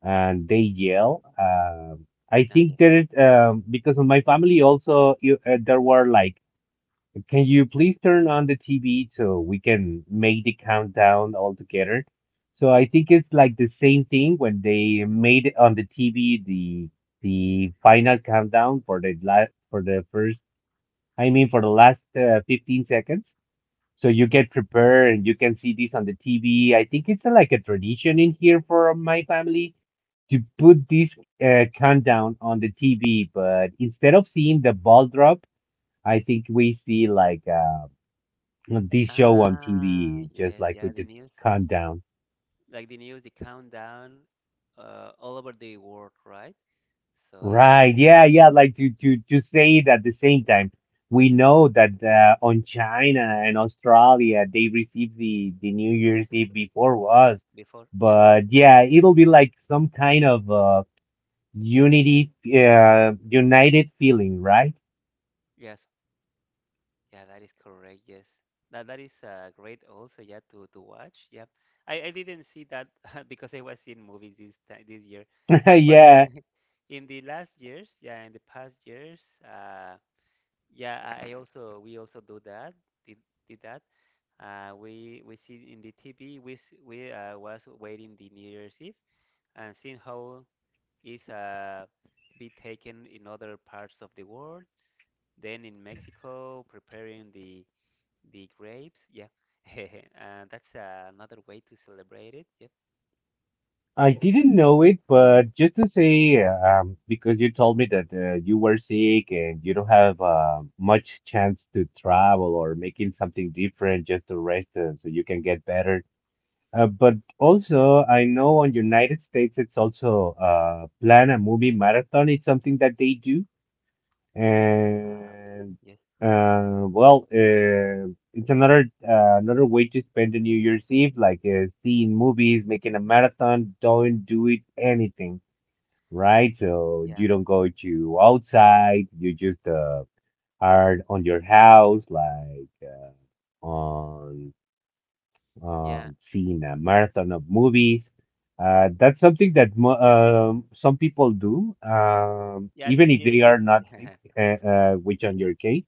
B: and they yell. I
A: Ah,
B: think
A: yes.
B: there is because of my family also you, there were like can you please turn on the TV so we can make the countdown all together? So I think it's like the same thing when they made it on the TV the final countdown for the last for the first I mean for the last 15 seconds. So you
A: Yeah.
B: get prepared and you can see this on the TV. I think it's like a tradition in here for my family to put this countdown on the TV, but instead of seeing the ball drop, I think we see like this show on
A: Ah,
B: TV, just
A: yes.
B: like
A: Yeah,
B: with
A: the
B: the
A: news.
B: countdown.
A: Like the news, the countdown, all over the world, right? So
B: Right. Yeah. Yeah. Like to say it at the same time. We know that on China and Australia they receive the New Year's Eve before us,
A: before, yeah.
B: but yeah, it'll be like some kind of unity, united feeling, right?
A: Yes. Yeah, that is correct. Yes, that that is great. Also, yeah, to watch. Yeah, I didn't see that <laughs> because I was in movies this time this year.
B: <laughs>
A: But
B: Yeah.
A: yeah, <laughs> in the last years, yeah, in the past years, yeah, I also we also do that. Did did that? We see in the TV. We we was waiting the New Year's Eve and seeing how is be taken in other parts of the world. Then in Mexico, preparing the grapes, yeah. <laughs> That's another way to celebrate it. Yep.
B: I didn't know it, but just to say, because you told me that you were sick and you don't have much chance to travel or making something different just to rest so you can get better. But also, I know on United States it's also plan a movie marathon. It's something that they do.
A: Ah, okay.
B: And
A: Yes.
B: well, it's another another way to spend the New Year's Eve, like seeing movies, making a marathon. Don't do it anything, right? So
A: Yeah.
B: you don't go to outside. You just are on your house, like on
A: Yeah.
B: seen a marathon of movies. That's something that some people do,
A: Yeah.
B: even
A: This
B: if they
A: year,
B: are
A: this.
B: not
A: <laughs>
B: sick, uh, which on
A: Yeah.
B: your case.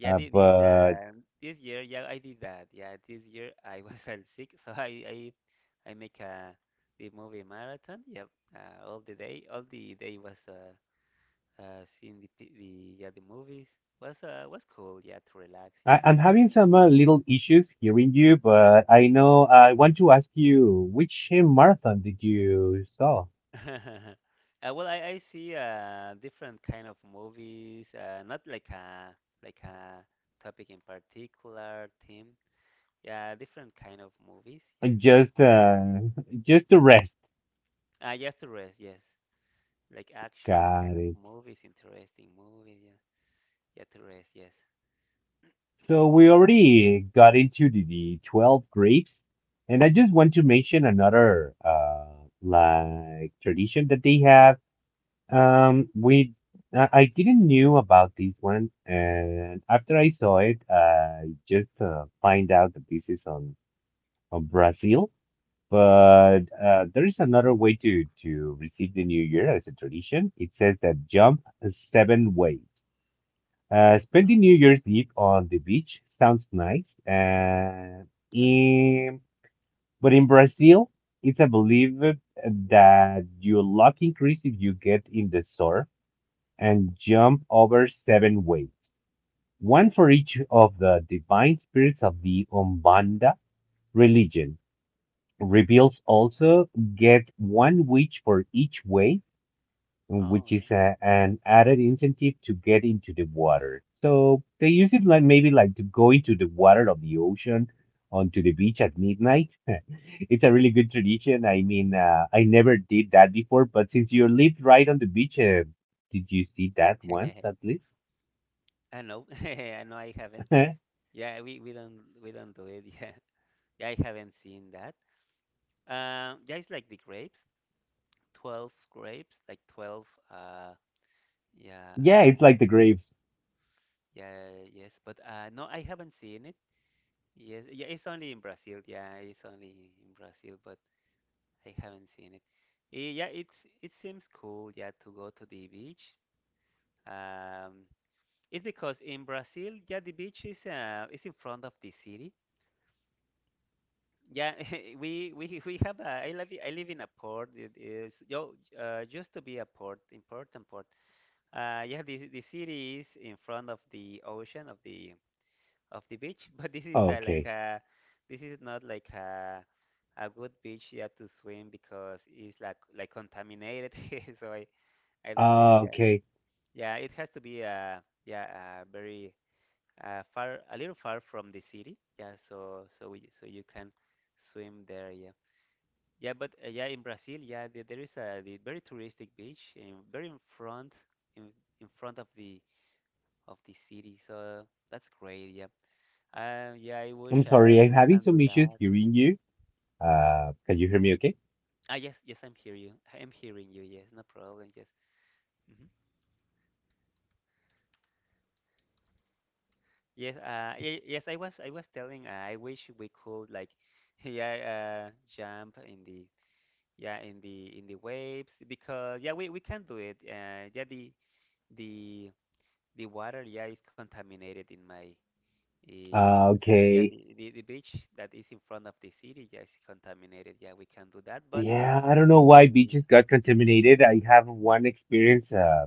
A: Yeah. This.
B: But
A: This year, yeah, I did that. Yeah. This year, I <laughs> was sick, so I make the movie marathon. Yep. All the day was seeing the, the, yeah, the movies. Was cool. Yeah, to relax. Yeah.
B: I'm having some little issues hearing you, but I know I want to ask you which marathon did you saw?
A: <laughs> Well, I see different kind of movies, not like a like a topic in particular theme. Yeah, different kind of movies. Yeah.
B: Just, <laughs> just the rest.
A: Ah, yes, to rest. Yes, like action
B: God.
A: kind of movies, interesting movies. Yeah. Yeah, to rest. Yes.
B: So we
A: <coughs>
B: already got into the 12 grapes, and I just want to mention another like tradition that they have. We I didn't knew about this one, and after I saw it, I just find out that this is on Brazil. But there is another way to receive the new year as a tradition. It says that jump 7 waves.
A: No.
B: Spending New Year's Eve on the beach sounds nice, and
A: Yeah.
B: in, but in Brazil, it's a belief that your luck increases if you get in the surf and jump over 7 waves, one for each of the divine spirits of the Umbanda religion. Reveals also get one witch for each wave, which
A: Oh,
B: is an added incentive to get into the water. So they use it like maybe like to go into the water of the ocean onto the beach at midnight. <laughs> It's a really good tradition. I mean, I never did that before, but since you lived right on the beach, did you see that once
A: yeah.
B: at least?
A: <laughs> I know. <laughs> I know. I haven't.
B: <laughs>
A: Yeah, we don't we don't do it. <laughs> Yeah. Yeah, I haven't seen that. Yeah, it's like the grapes. 12 grapes, like 12. Yeah,
B: Yeah, it's like the graves.
A: yeah, yes. But no, I haven't seen it. Yes, yeah, it's only in Brazil. Yeah, it's only in Brazil, but I haven't seen it. Eh, yeah, it's it seems cool. Yeah, to go to the beach. Um, it's because in Brazil, yeah, the beach is in front of the city. Yeah, <laughs> we have a I live in a port. It is yo used to be a port, important port uh, you have the city is in front of the ocean of the beach, <laughs> but this is the, like
B: Okay.
A: a this is not like a good beach yeah to swim because it's like contaminated. <laughs> So I don't think yeah
B: Okay.
A: yeah it has to be yeah very far a little far from the city yeah so so we so you can swim there yeah yeah but yeah in Brazil yeah there is a the very touristic beach in very in in front of the city. So that's great. Yeah. Yeah, I
B: I'm
A: wish
B: sorry. I'm
A: we
B: having
A: can do
B: some issues
A: that.
B: hearing you. Can you hear me okay?
A: Ah, yes, yes, I'm hearing you. I'm hearing you. Yes, no problem. Yes. Hmm. Yes, yes, I was telling, I wish we could like, <laughs> yeah, jump in the, yeah, in the waves because yeah, we can do it. Yeah, the, the water, yeah, is contaminated in my, uh, yeah,
B: Okay.
A: the beach that is in front of the city, yeah, is contaminated. Yeah, we can do that, but
B: Yeah, I don't know
A: in
B: why
A: the
B: beaches got contaminated. I have one experience,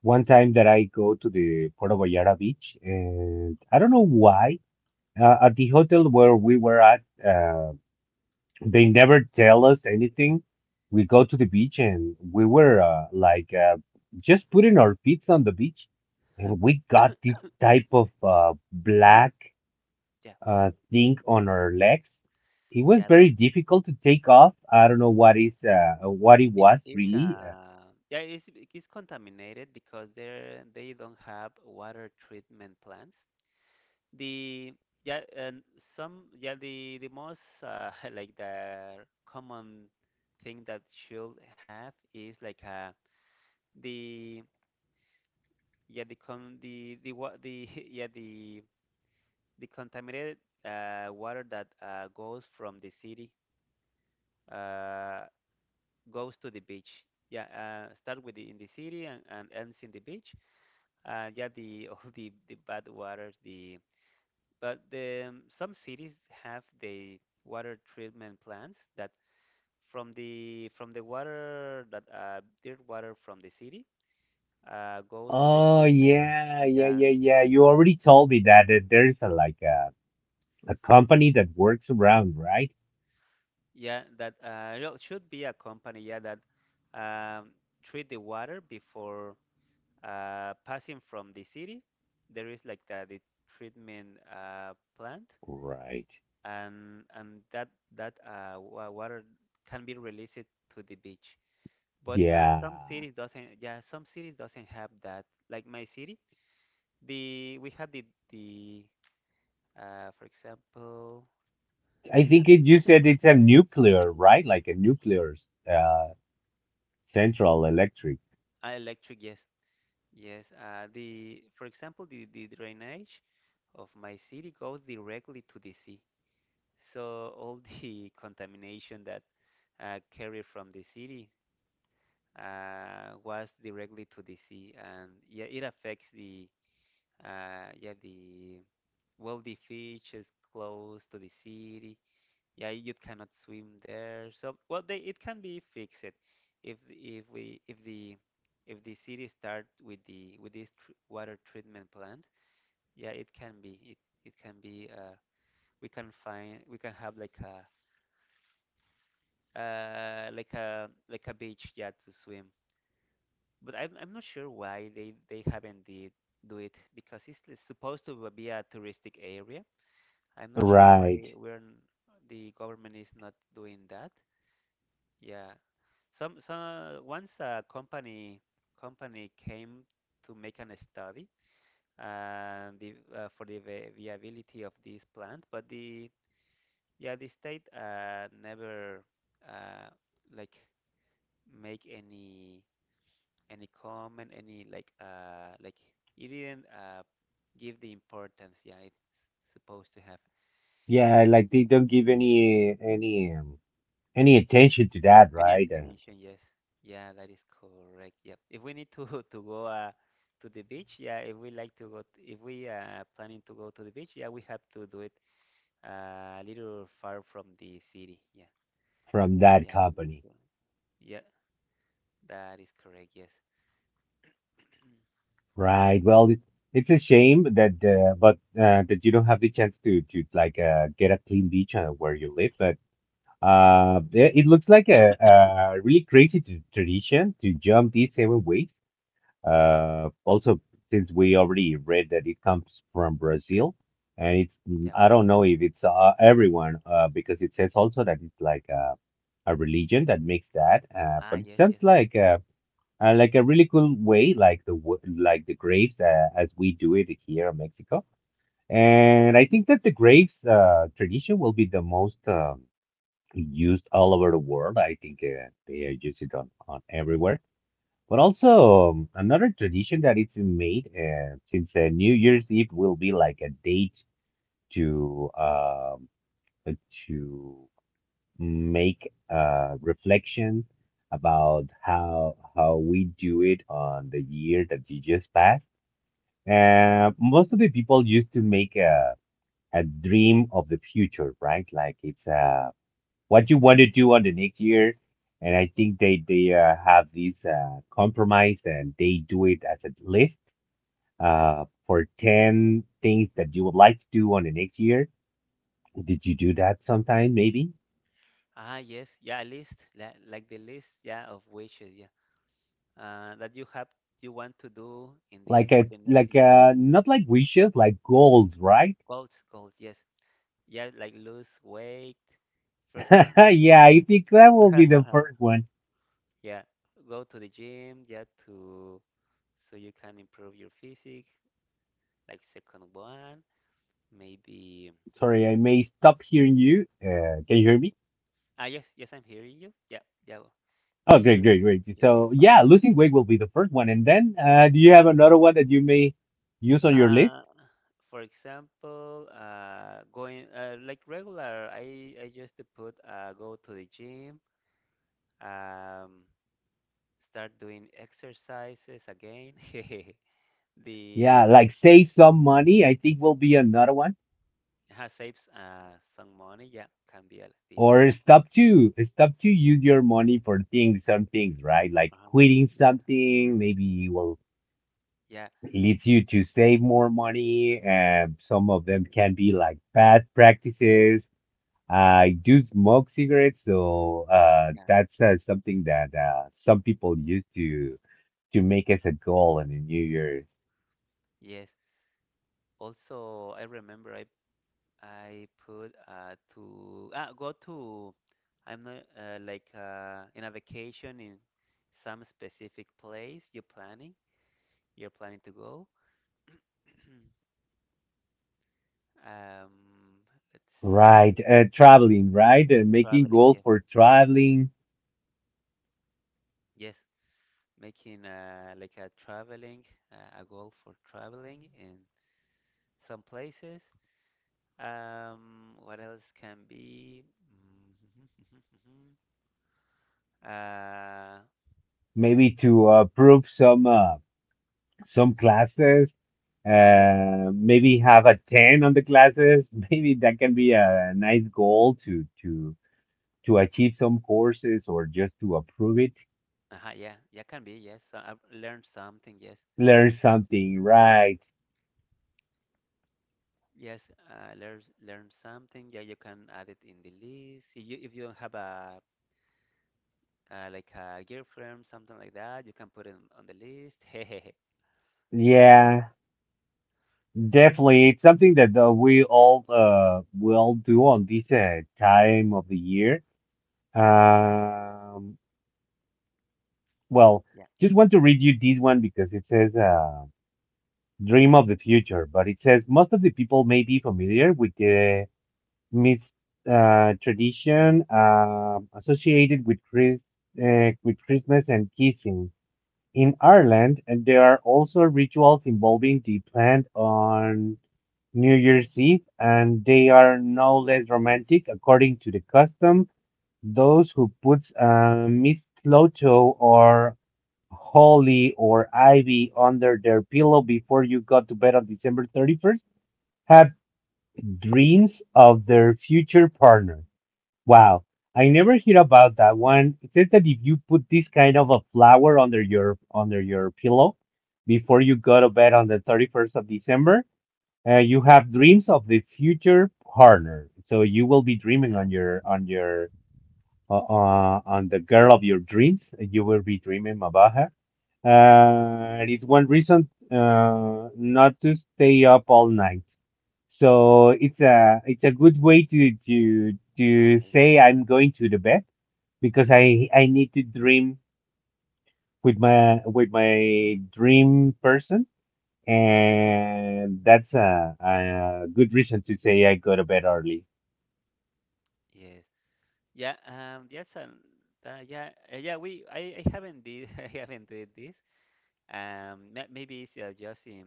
B: one
A: yeah
B: time that I go to the Puerto Vallarta beach, and I don't know why. At the hotel where we were at, they never tell us anything. We go to the beach and we were just putting our feet on the beach, and we got this type of black
A: yeah well yeah
B: thing
A: yeah,
B: on our legs. It was
A: yeah
B: very
A: don't
B: difficult to take off. I don't know what is what it was
A: it's
B: really.
A: yeah it's contaminated because they don't have water treatment plants the yeah and some yeah the most <laughs> like the common thing that should have is like the yeah the con the what the <laughs> yeah the contaminated water that goes from the city uh goes to the beach. Yeah, start with the, in the city and ends in the beach. Yeah, the <laughs> all the bad waters. The but the Some cities have the water treatment plants that from the water that dirt water from the city goes to the
B: Oh
A: treatment.
B: yeah, yeah,
A: Yeah,
B: yeah, yeah. You already told me that, that there's a like a company that works around, right?
A: yeah, that should be a company. Yeah, that um, treat the water before passing from the city, there is like the treatment plant,
B: Right.
A: and that water can be released to the beach. But some
B: Yeah.
A: cities doesn't. Yeah, some cities doesn't have that. Like my city, the we have the for example,
B: I think it, you said it's a nuclear, right? Like a nuclear, uh, central electric.
A: electric. Yes, yes. The for example, the drainage of my city goes directly to the sea. So all the <laughs> contamination that carried from the city was directly to the sea, and yeah, it affects the well the fish is close to the city. Yeah, you cannot swim there. So well, they it can be fixed if the- if we if the city start with the with this tr water treatment plant. Yeah, it can be it it can be we can find we can have like a beach yeah to swim but I'm not sure why they haven't did do it because it's supposed to be a touristic area. I'm not sure
B: Right.
A: why the government is not doing that. Yeah, some once a company came to make an study and the for the viability of this plant, but the state never uh, like make any. Any comment, any like you didn't give the importance yeah it's supposed to have.
B: Yeah, like they
A: Yeah.
B: don't give any attention to that,
A: Any
B: right?
A: attention, yes. Yeah, that is correct. Yep. If we need to <laughs> to go to the beach, yeah, if we like to go t if we planning to go to the beach, yeah, we have to do it a little far from the city. Yeah.
B: From that
A: Yeah, we need
B: company.
A: to. Yeah, that is correct. Yes.
B: Right. Well, it's a shame that, but that you don't have the chance to like get a clean beach where you live. But it looks like a really crazy t tradition to jump these seven waves. Also, since we already read that it comes from Brazil, and it's mm,
A: Yep.
B: I don't know if it's everyone because it says also that it's like a religion that makes that.
A: Ah,
B: But it
A: yes, yes.
B: sounds like a really cool way, like the like the graves as we do it here in Mexico. And I think that the graves tradition will be the most used all over the world. I think they use it on everywhere. But also another tradition that it's made since New Year's Eve will be like a date to um, to make a reflection about how we do it on the year that you just passed. Most of the people used to make a dream of the future, right? Like it's what you want to do on the next year, and I think they have this compromise and they do it as a list for ten things that you would like to do on the next year. Did you do that sometime, maybe?
A: Ah, yes. Yeah, a list. Like the list, yeah, of wishes. Yeah. That you have you want to do in the
B: Like
A: for
B: a
A: the next
B: like
A: year?
B: not like wishes, like goals, right?
A: Goals, goals, yes. Yeah, like lose weight. First one.
B: <laughs> Yeah, I think that will be the
A: <laughs>
B: first one.
A: Yeah, go to the gym, yeah, to so you can improve your physique. Like second one, maybe.
B: Sorry, I may stop hearing you. Can you hear me?
A: Ah, yes, yes, I'm hearing you. Yeah, yeah, yeah,
B: Oh, great, great, great.
A: you're here
B: So yeah,
A: fine.
B: losing weight will be
A: Mhm.
B: the first one, and then do you have another one that you may use on your list?
A: Uh, for example, going like regular, I just put go to the gym, um, start doing exercises again. <laughs>
B: Yeah,
A: the
B: like save some money. I think will be another one,
A: Saves some money. Yeah, can be the
B: or stop to use your money for things, some things, right? Like
A: uh
B: quitting
A: yeah
B: something. Maybe you will
A: yeah
B: leads you to save more money. And some of them can be like bad practices. I do smoke cigarettes, so
A: yeah
B: that's something that some people used to make as a goal in the New Year's.
A: yes. Also, I remember I put to ah, go to I'm not in a vacation in some specific place you're planning to go. <clears throat> um, let's
B: Right,
A: say
B: traveling, right, and making
A: Traveling.
B: goals for traveling,
A: Yes, making like a traveling, a goal for traveling in some places. What else can be? <laughs> Uh,
B: maybe to approve some classes,
A: ah, yes.
B: maybe have a 10 on the classes. <laughs> Maybe that can be a nice goal to to achieve some courses or just to approve it,
A: Uh-huh, yeah, yeah, can be. Yes, so I've learned something. Yes,
B: learn something, right?
A: yes, uh, learn learn something. Yeah, you can add it in the list. If you don't have a like a girlfriend, something like that, you can put it on the list. <laughs> Hehehe.
B: Yeah, definitely. It's something that we all will do on this time of the year. Um, well,
A: Yeah.
B: just want to read you this one because it says dream of the future, but it says most of the people may be familiar with the myth tradition associated with Chris with Christmas and kissing. In Ireland, and there are also rituals involving the plant on New Year's Eve, and they are no less romantic. According to the custom, those who put mistletoe or holly or ivy under their pillow before you go to bed on December 31st have dreams of their future partner. Wow, I never hear about that one. It says that if you put this kind of a flower under your pillow before you go to bed on the 31st of December, you have dreams of the future partner. So you will be dreaming
A: Uh,
B: on your on your on the girl of your dreams. You will be dreaming about her. It is
A: <laughs>
B: one reason not to stay up all night. So it's a good way to to
A: okay.
B: say I'm going to the bed because I need to dream with my dream person, and that's a good reason to say I go to bed early.
A: Yes. Yeah, um, yes, and yeah. I haven't did, <laughs> I haven't did this. Maybe it's just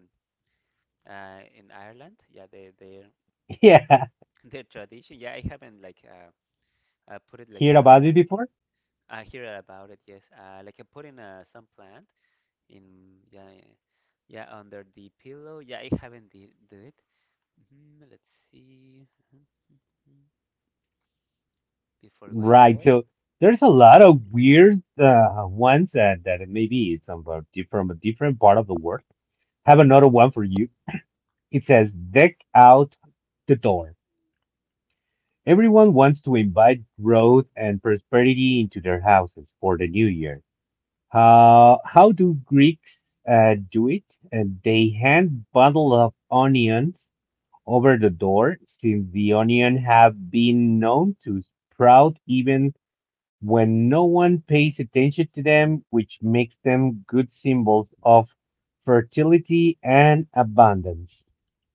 A: in Ireland. Yeah,
B: <laughs> Yeah,
A: <laughs> their tradition. Yeah, I haven't put it
B: hear about it before?
A: I hear about it. Yes, like putting some plant in, yeah, yeah, under the pillow. Yeah, I haven't did do it. Mhm, let's see. <laughs> Before going
B: Right.
A: bed.
B: So there's a lot of weird ones that, that maybe it's about from a different part of the world. Have another one for you. It says, deck out the door. Everyone wants to invite growth and prosperity into their houses for the new year. How do Greeks do it? And they hand bundle of onions over the door, since the onion have been known to sprout even when no one pays attention to them, which makes them good symbols of fertility and abundance.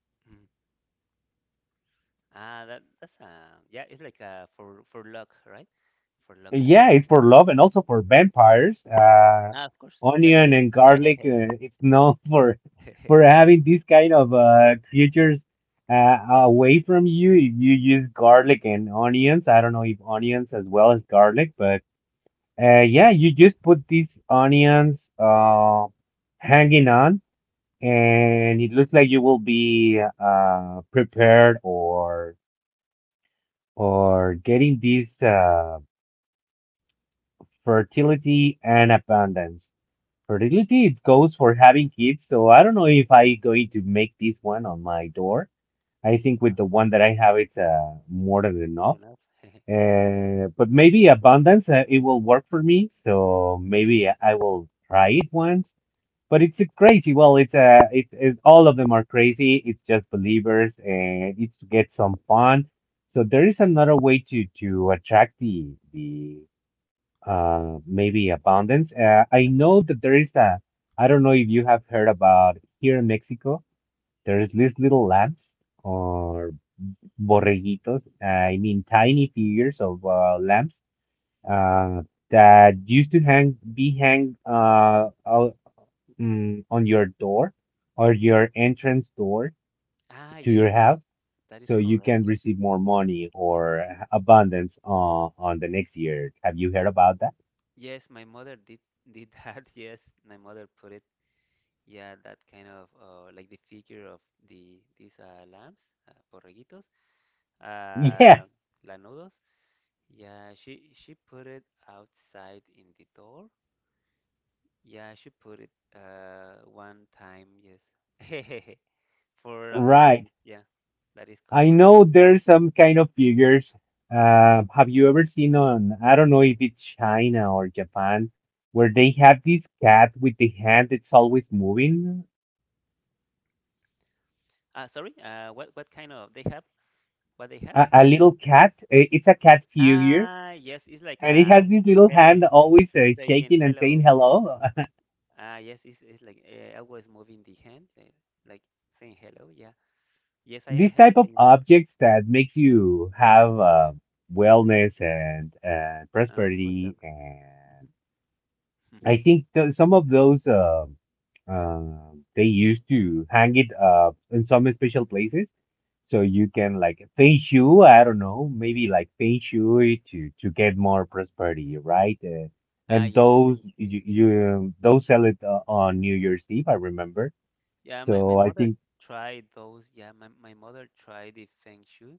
A: <laughs> Ah, that that's yeah, it's like for luck, right? For luck.
B: Yeah, it's for love and also for vampires.
A: Ah, of course. Yeah,
B: Onion
A: they.
B: and garlic,
A: <laughs>
B: it's known <laughs> for
A: <laughs>
B: having these kind of creatures away from you. If you use garlic and onions, I don't know if onions as well as garlic, but yeah, you just put these onions hanging on and it looks like you will be prepared or getting this fertility and abundance. Fertility it goes for having kids, so I don't know if I going to make this one on my door. I think with the one that I have, it's more than
A: It's
B: enough.
A: enough. <laughs>
B: But maybe abundance, it will work for me. So maybe I will try it once, but it's a crazy. Well, it's all of them are crazy. It's just believers, and it's to get some fun. So there is another way to attract the maybe abundance.
A: The
B: I
A: abundant.
B: know that there is a. I don't know if you have heard about here in Mexico. There is these little lamps or borreguitos. I mean, tiny figures of lamps. Uh, that used to hang out mm, on your door or your entrance door
A: Ah,
B: to
A: yes,
B: your
A: yes,
B: house
A: that is
B: so you
A: correct.
B: can
A: Yes,
B: receive more money or abundance on the next year. Have you heard about that? <laughs>
A: yes, my mother did that. <laughs> Yes, my mother put it. Yeah, that kind of like the figure of these lambs, borreguitos, uh,
B: Yeah,
A: lanudos. Yeah, she put it outside in the door. Yeah, I should put it one time, yes. <laughs> For
B: right.
A: abundance, yeah, that is
B: I
A: correct.
B: know there's some kind of figures. Have you ever seen on, I don't know if it's China or Japan, where they have this cat with the hand that's always moving?
A: Sorry, what kind of they have? What they have?
B: A little cat. It's a cat figure,
A: Ah, yes, it's like
B: and it
A: a
B: has this little
A: Helen
B: hand always
A: saying
B: shaking and saying
A: hello.
B: hello. <laughs>
A: Ah, yes, it's like I was moving the hand, like saying hello. Yeah, yes, I
B: These
A: have
B: type of
A: seen those.
B: objects that makes you have wellness and
A: Good luck.
B: prosperity and
A: Mhm.
B: I
A: <laughs>
B: think some of those uh, they used to hang it up in some special places so you can like feng shui, I don't know, maybe like feng shui to get more prosperity, right? Uh,
A: Ah,
B: and
A: yes,
B: those
A: Feng Shui.
B: you those sell it on New Year's Eve, I remember,
A: Yeah, my
B: so I
A: mother
B: think
A: tried those. Yeah, my mother tried the Feng Shui.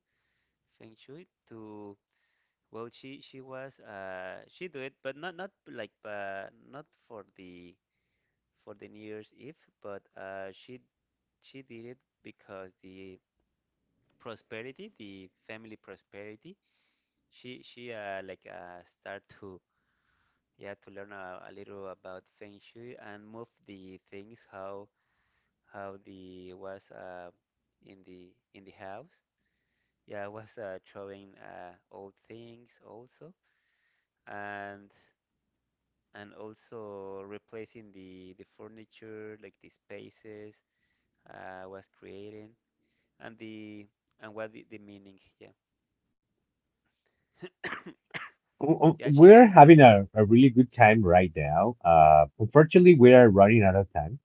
A: Feng Shui to well she was she do it but not like not for the for the New Year's Eve but she did it because the prosperity the family prosperity she start to yeah to learn a little about Feng Shui and move the things how the was in the house yeah was throwing old things also and and also replacing the furniture like the spaces was creating and the and what the meaning yeah <coughs>
B: we're
A: she did.
B: having a really good time right now. Unfortunately, we are running out of time.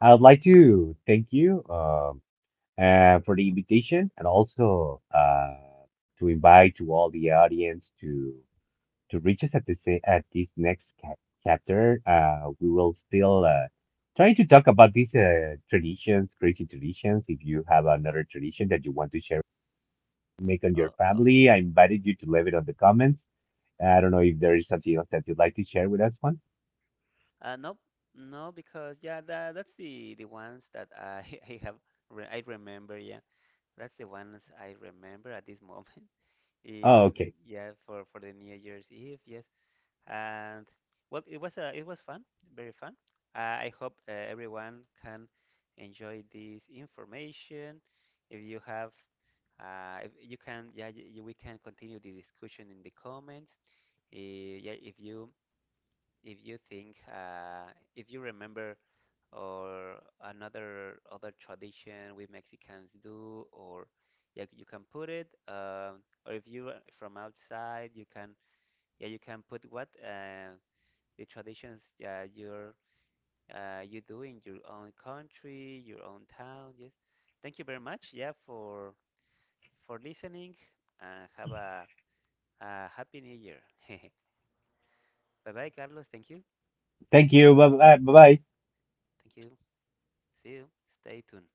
B: I'd like to thank you for the invitation and also to invite to all the audience to reach us at this next chapter. We will still try to talk about these traditions, crazy traditions. If you have another tradition that you want to share, make on your
A: Oh, of
B: family,
A: course.
B: I invited you to leave it on the comments. I don't know if there is something else that you'd like to share with us, Juan.
A: No, no because yeah that's the ones that I <laughs> I have re I remember yeah that's the ones I remember at this moment <laughs>
B: Oh,
A: in
B: okay.
A: yeah for the New Year's Eve yes and well, it was fun, very fun. I hope everyone can enjoy this information. If you have, if you can, yeah, we can continue the discussion in the comments. Eh, yeah, if you think, if you remember or another other tradition we Mexicans do, or yeah, you can put it. Or if you are from outside, you can yeah, you can put what. The traditions that you're you do in your own country, your own town. Yes. Thank you very much. Yeah, for listening and have a happy new year. <laughs> Bye bye, Carlos. Thank you.
B: Thank you. Bye bye. Bye bye.
A: Thank you. See you. Stay tuned.